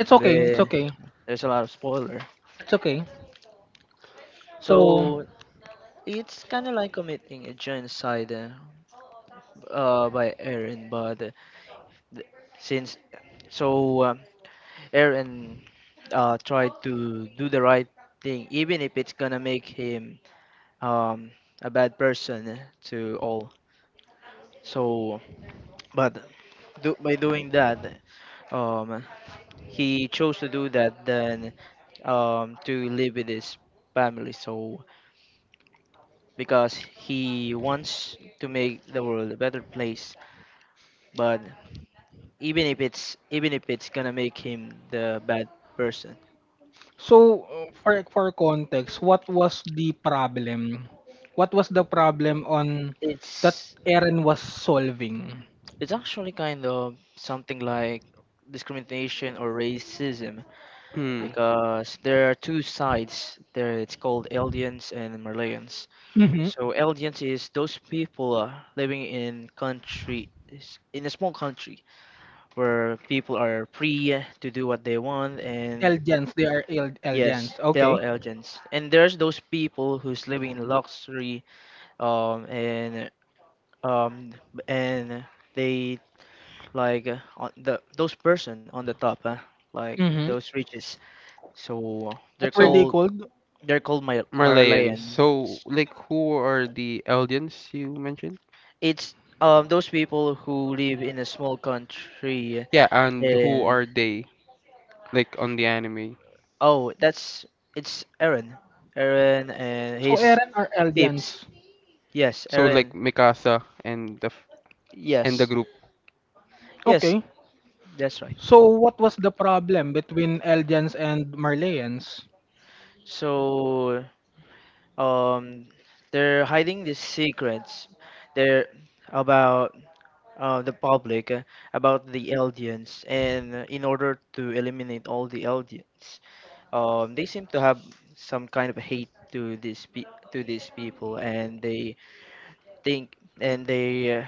Speaker 1: It's okay, it's okay,
Speaker 2: there's a lot of spoiler.
Speaker 1: it's okay. so
Speaker 2: So it's kind of like committing a genocide uh, uh, by Eren, but uh, th- since so um, Eren uh, try to do the right thing, even if it's gonna make him um, a bad person to all. So, but do, by doing that, um, he chose to do that than um, to live with his family. So, because he wants to make the world a better place, but even if it's even if it's gonna make him the bad person.
Speaker 1: so uh, for for context, what was the problem what was the problem on that
Speaker 2: it's
Speaker 1: Eren was solving.
Speaker 2: It's actually kind of something like discrimination or racism,
Speaker 3: Mm.
Speaker 2: because there are two sides there. It's called aliens and Malayans.
Speaker 1: Hmm.
Speaker 2: So aliens is those people uh, living in countries, in a small country, where people are free to do what they want. And
Speaker 1: Eldians, they are El-
Speaker 2: yes,
Speaker 1: Eldians.
Speaker 2: tell
Speaker 1: Okay.
Speaker 2: aliens, and there's those people who's living in luxury, um and um and they, like uh, on the those person on the top, uh, like
Speaker 1: Mm-hmm.
Speaker 2: those riches. So they're
Speaker 1: What were
Speaker 3: So
Speaker 1: they
Speaker 2: called
Speaker 1: called?
Speaker 2: they're called Mar-
Speaker 3: Marleyans.
Speaker 2: Marleyans.
Speaker 3: So like who are the Eldians you mentioned?
Speaker 2: It's um those people who live in a small country.
Speaker 3: Yeah, and who
Speaker 2: And
Speaker 3: are they like on the anime?
Speaker 2: oh, that's, it's Aaron. Aaron and
Speaker 1: So
Speaker 2: his
Speaker 1: Eren are
Speaker 2: tips.
Speaker 1: Eldians.
Speaker 2: Yes,
Speaker 3: So like
Speaker 2: Aaron.
Speaker 3: Mikasa and the f- and the
Speaker 2: Yes.
Speaker 3: group.
Speaker 2: Yes,
Speaker 1: Okay.
Speaker 2: that's right.
Speaker 1: So what was the problem between Eldians and Marleyans?
Speaker 2: So um they're hiding these secrets. They're about uh, the public, uh, about the Eldians, and uh, in order to eliminate all the Eldians, um, they seem to have some kind of hate to these pe- to these people, and they think and they uh,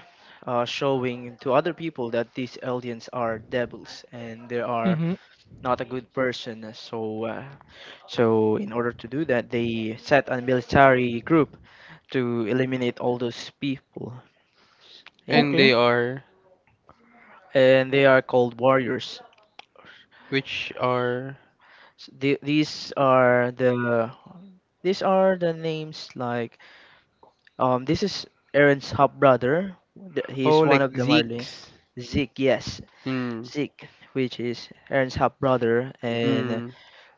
Speaker 2: are showing to other people that these Eldians are devils and they are
Speaker 1: Mm-hmm.
Speaker 2: not a good person. So, uh, so in order to do that, they set a military group to eliminate all those people, you know,
Speaker 3: And they
Speaker 1: Okay.
Speaker 3: are
Speaker 2: and they are called warriors.
Speaker 3: which are
Speaker 2: S- the- these are the these are the names, like um this is Aaron's half brother. He
Speaker 3: oh
Speaker 2: is one
Speaker 3: like
Speaker 2: of the Marlin.
Speaker 3: Zeeks.
Speaker 2: Zeke, yes,
Speaker 3: Hmm.
Speaker 2: Zeke, which is Aaron's half brother, and
Speaker 3: Hmm.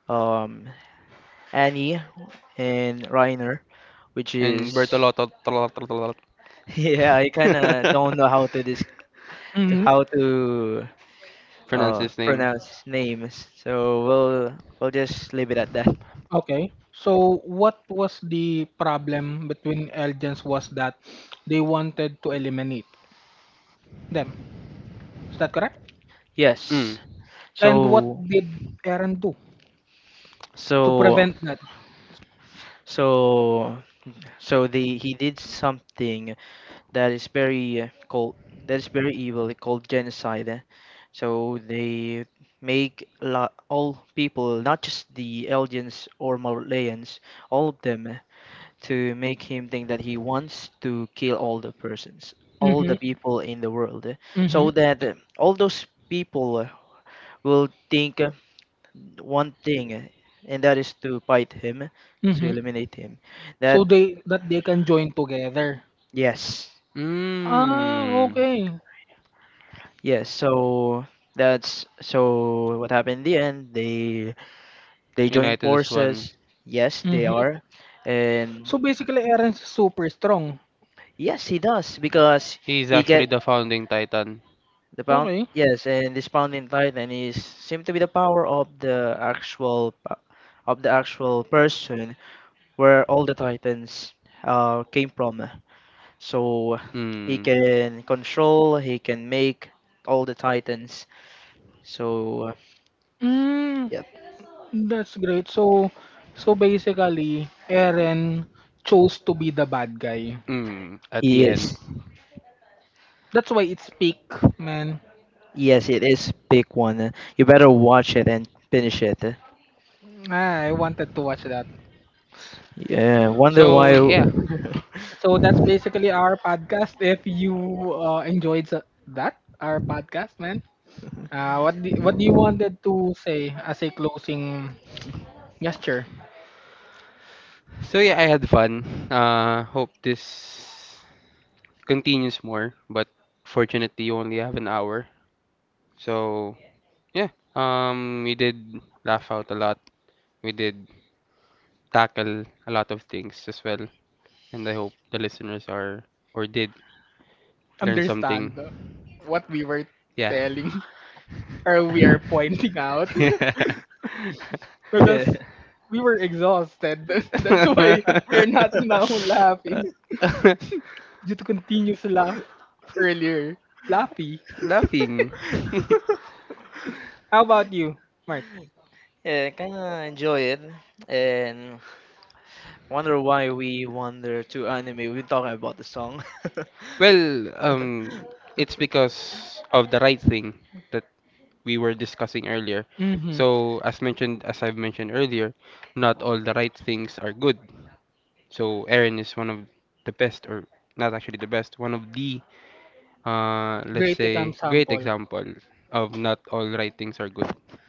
Speaker 2: um Annie and Reiner, which is…
Speaker 3: And Bertolotto Tolotto- Tolotto-
Speaker 2: Yeah, I kind of don't know how to dis to
Speaker 1: Mm-hmm.
Speaker 2: how to
Speaker 3: Pronounce
Speaker 2: uh
Speaker 3: his name.
Speaker 2: pronounced names. So we'll we'll just leave it at that.
Speaker 1: Okay. So what was the problem between Eldians was that they wanted to eliminate them. Is that correct?
Speaker 3: Mm.
Speaker 2: Yes.
Speaker 1: And what
Speaker 2: So
Speaker 1: did Eren do to
Speaker 2: so
Speaker 1: prevent that?
Speaker 2: so so the he did something that is very uh, called that is very evil, called genocide. So they make lot all people, not just the aliens or Malayans, all of them, to make him think that he wants to kill all the persons, all
Speaker 1: Mm-hmm.
Speaker 2: the people in the world, eh,
Speaker 1: Mm-hmm.
Speaker 2: so that uh, all those people uh, will think, uh, one thing, uh, and that is to fight him, to
Speaker 1: Mm-hmm.
Speaker 2: eliminate him. That
Speaker 1: So they that they can join together.
Speaker 2: yes,
Speaker 1: Ah,
Speaker 3: Mm.
Speaker 1: okay.
Speaker 2: yes. So that's so what happened in the end. They they join
Speaker 3: United is one.
Speaker 2: forces. Yes, they
Speaker 1: Mm-hmm.
Speaker 2: are, and
Speaker 1: So basically, Aaron's is super strong.
Speaker 2: yes, he does, because
Speaker 3: He's
Speaker 2: he
Speaker 3: actually
Speaker 2: get…
Speaker 3: the founding titan.
Speaker 2: The pound,
Speaker 1: Okay.
Speaker 2: yes, and this pounding titan is seem to be the power of the actual pa- of the actual person where all the titans uh, came from. So he
Speaker 3: Mm.
Speaker 2: can control, he can make all the titans. So
Speaker 1: Mm,
Speaker 2: yeah,
Speaker 1: that's great. So, so basically, Aaron chose to be the bad guy.
Speaker 3: Mm. At
Speaker 2: he
Speaker 3: the end.
Speaker 2: is.
Speaker 1: That's why it's peak, man.
Speaker 2: Yes, it is big one. You better watch it and finish it.
Speaker 1: Ah, I wanted to watch that.
Speaker 2: Yeah, wonder
Speaker 3: So
Speaker 2: why.
Speaker 3: yeah.
Speaker 1: So that's basically our podcast. If you uh, enjoyed sa- that, our podcast, man. Uh, what do, what do you wanted to say as a closing gesture?
Speaker 3: So yeah, I had fun. Uh, hope this continues more, but fortunately you only have an hour. So yeah, um, we did laugh out a lot. We did tackle a lot of things as well, and I hope the listeners are or did learn something.
Speaker 1: Understand what we were
Speaker 3: Yeah.
Speaker 1: telling or we are pointing out
Speaker 3: Yeah.
Speaker 1: because
Speaker 2: Yeah.
Speaker 1: we were exhausted. That's why we're not now laughing due to continuous laugh earlier. Laughy.
Speaker 3: Laughing.
Speaker 1: How about you, Mark?
Speaker 2: Yeah, I kind of enjoy it, and wonder why we wander to anime. We talk about the song.
Speaker 3: Well, um, it's because of the right thing that we were discussing earlier.
Speaker 1: Mm-hmm.
Speaker 3: So, as mentioned, as I've mentioned earlier, not all the right things are good. So, Aaron is one of the best, or not actually the best, one of the, uh, let's
Speaker 1: Great
Speaker 3: say, great
Speaker 1: example.
Speaker 3: example of not all right things are good.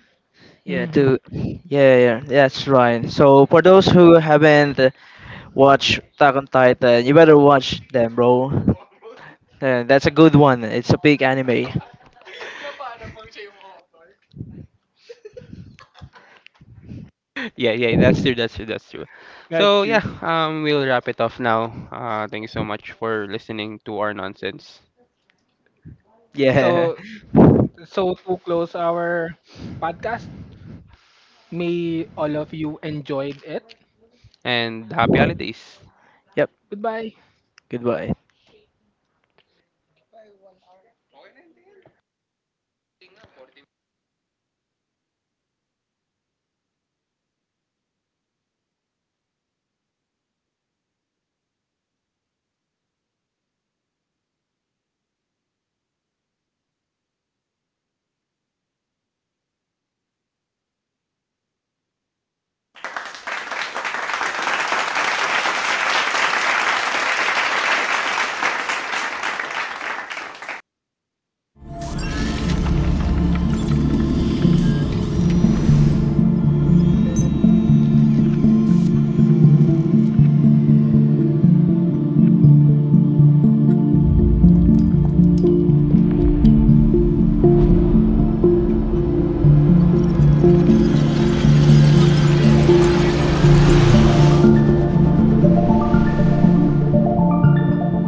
Speaker 2: Yeah,
Speaker 1: Mm-hmm.
Speaker 2: to yeah, yeah, that's right. So for those who haven't uh, watched Attack on Titan, you better watch them, bro. Yeah, that's a good one. It's a big anime.
Speaker 3: Yeah, yeah, that's true, that's true, that's true.
Speaker 1: That's
Speaker 3: So yeah,
Speaker 1: true.
Speaker 3: um, we'll wrap it off now. Uh, thank you so much for listening to our nonsense,
Speaker 2: Yeah.
Speaker 1: So so to close our podcast, may all of you enjoyed it.
Speaker 3: and happy holidays.
Speaker 2: Yep.
Speaker 1: Goodbye.
Speaker 2: Goodbye.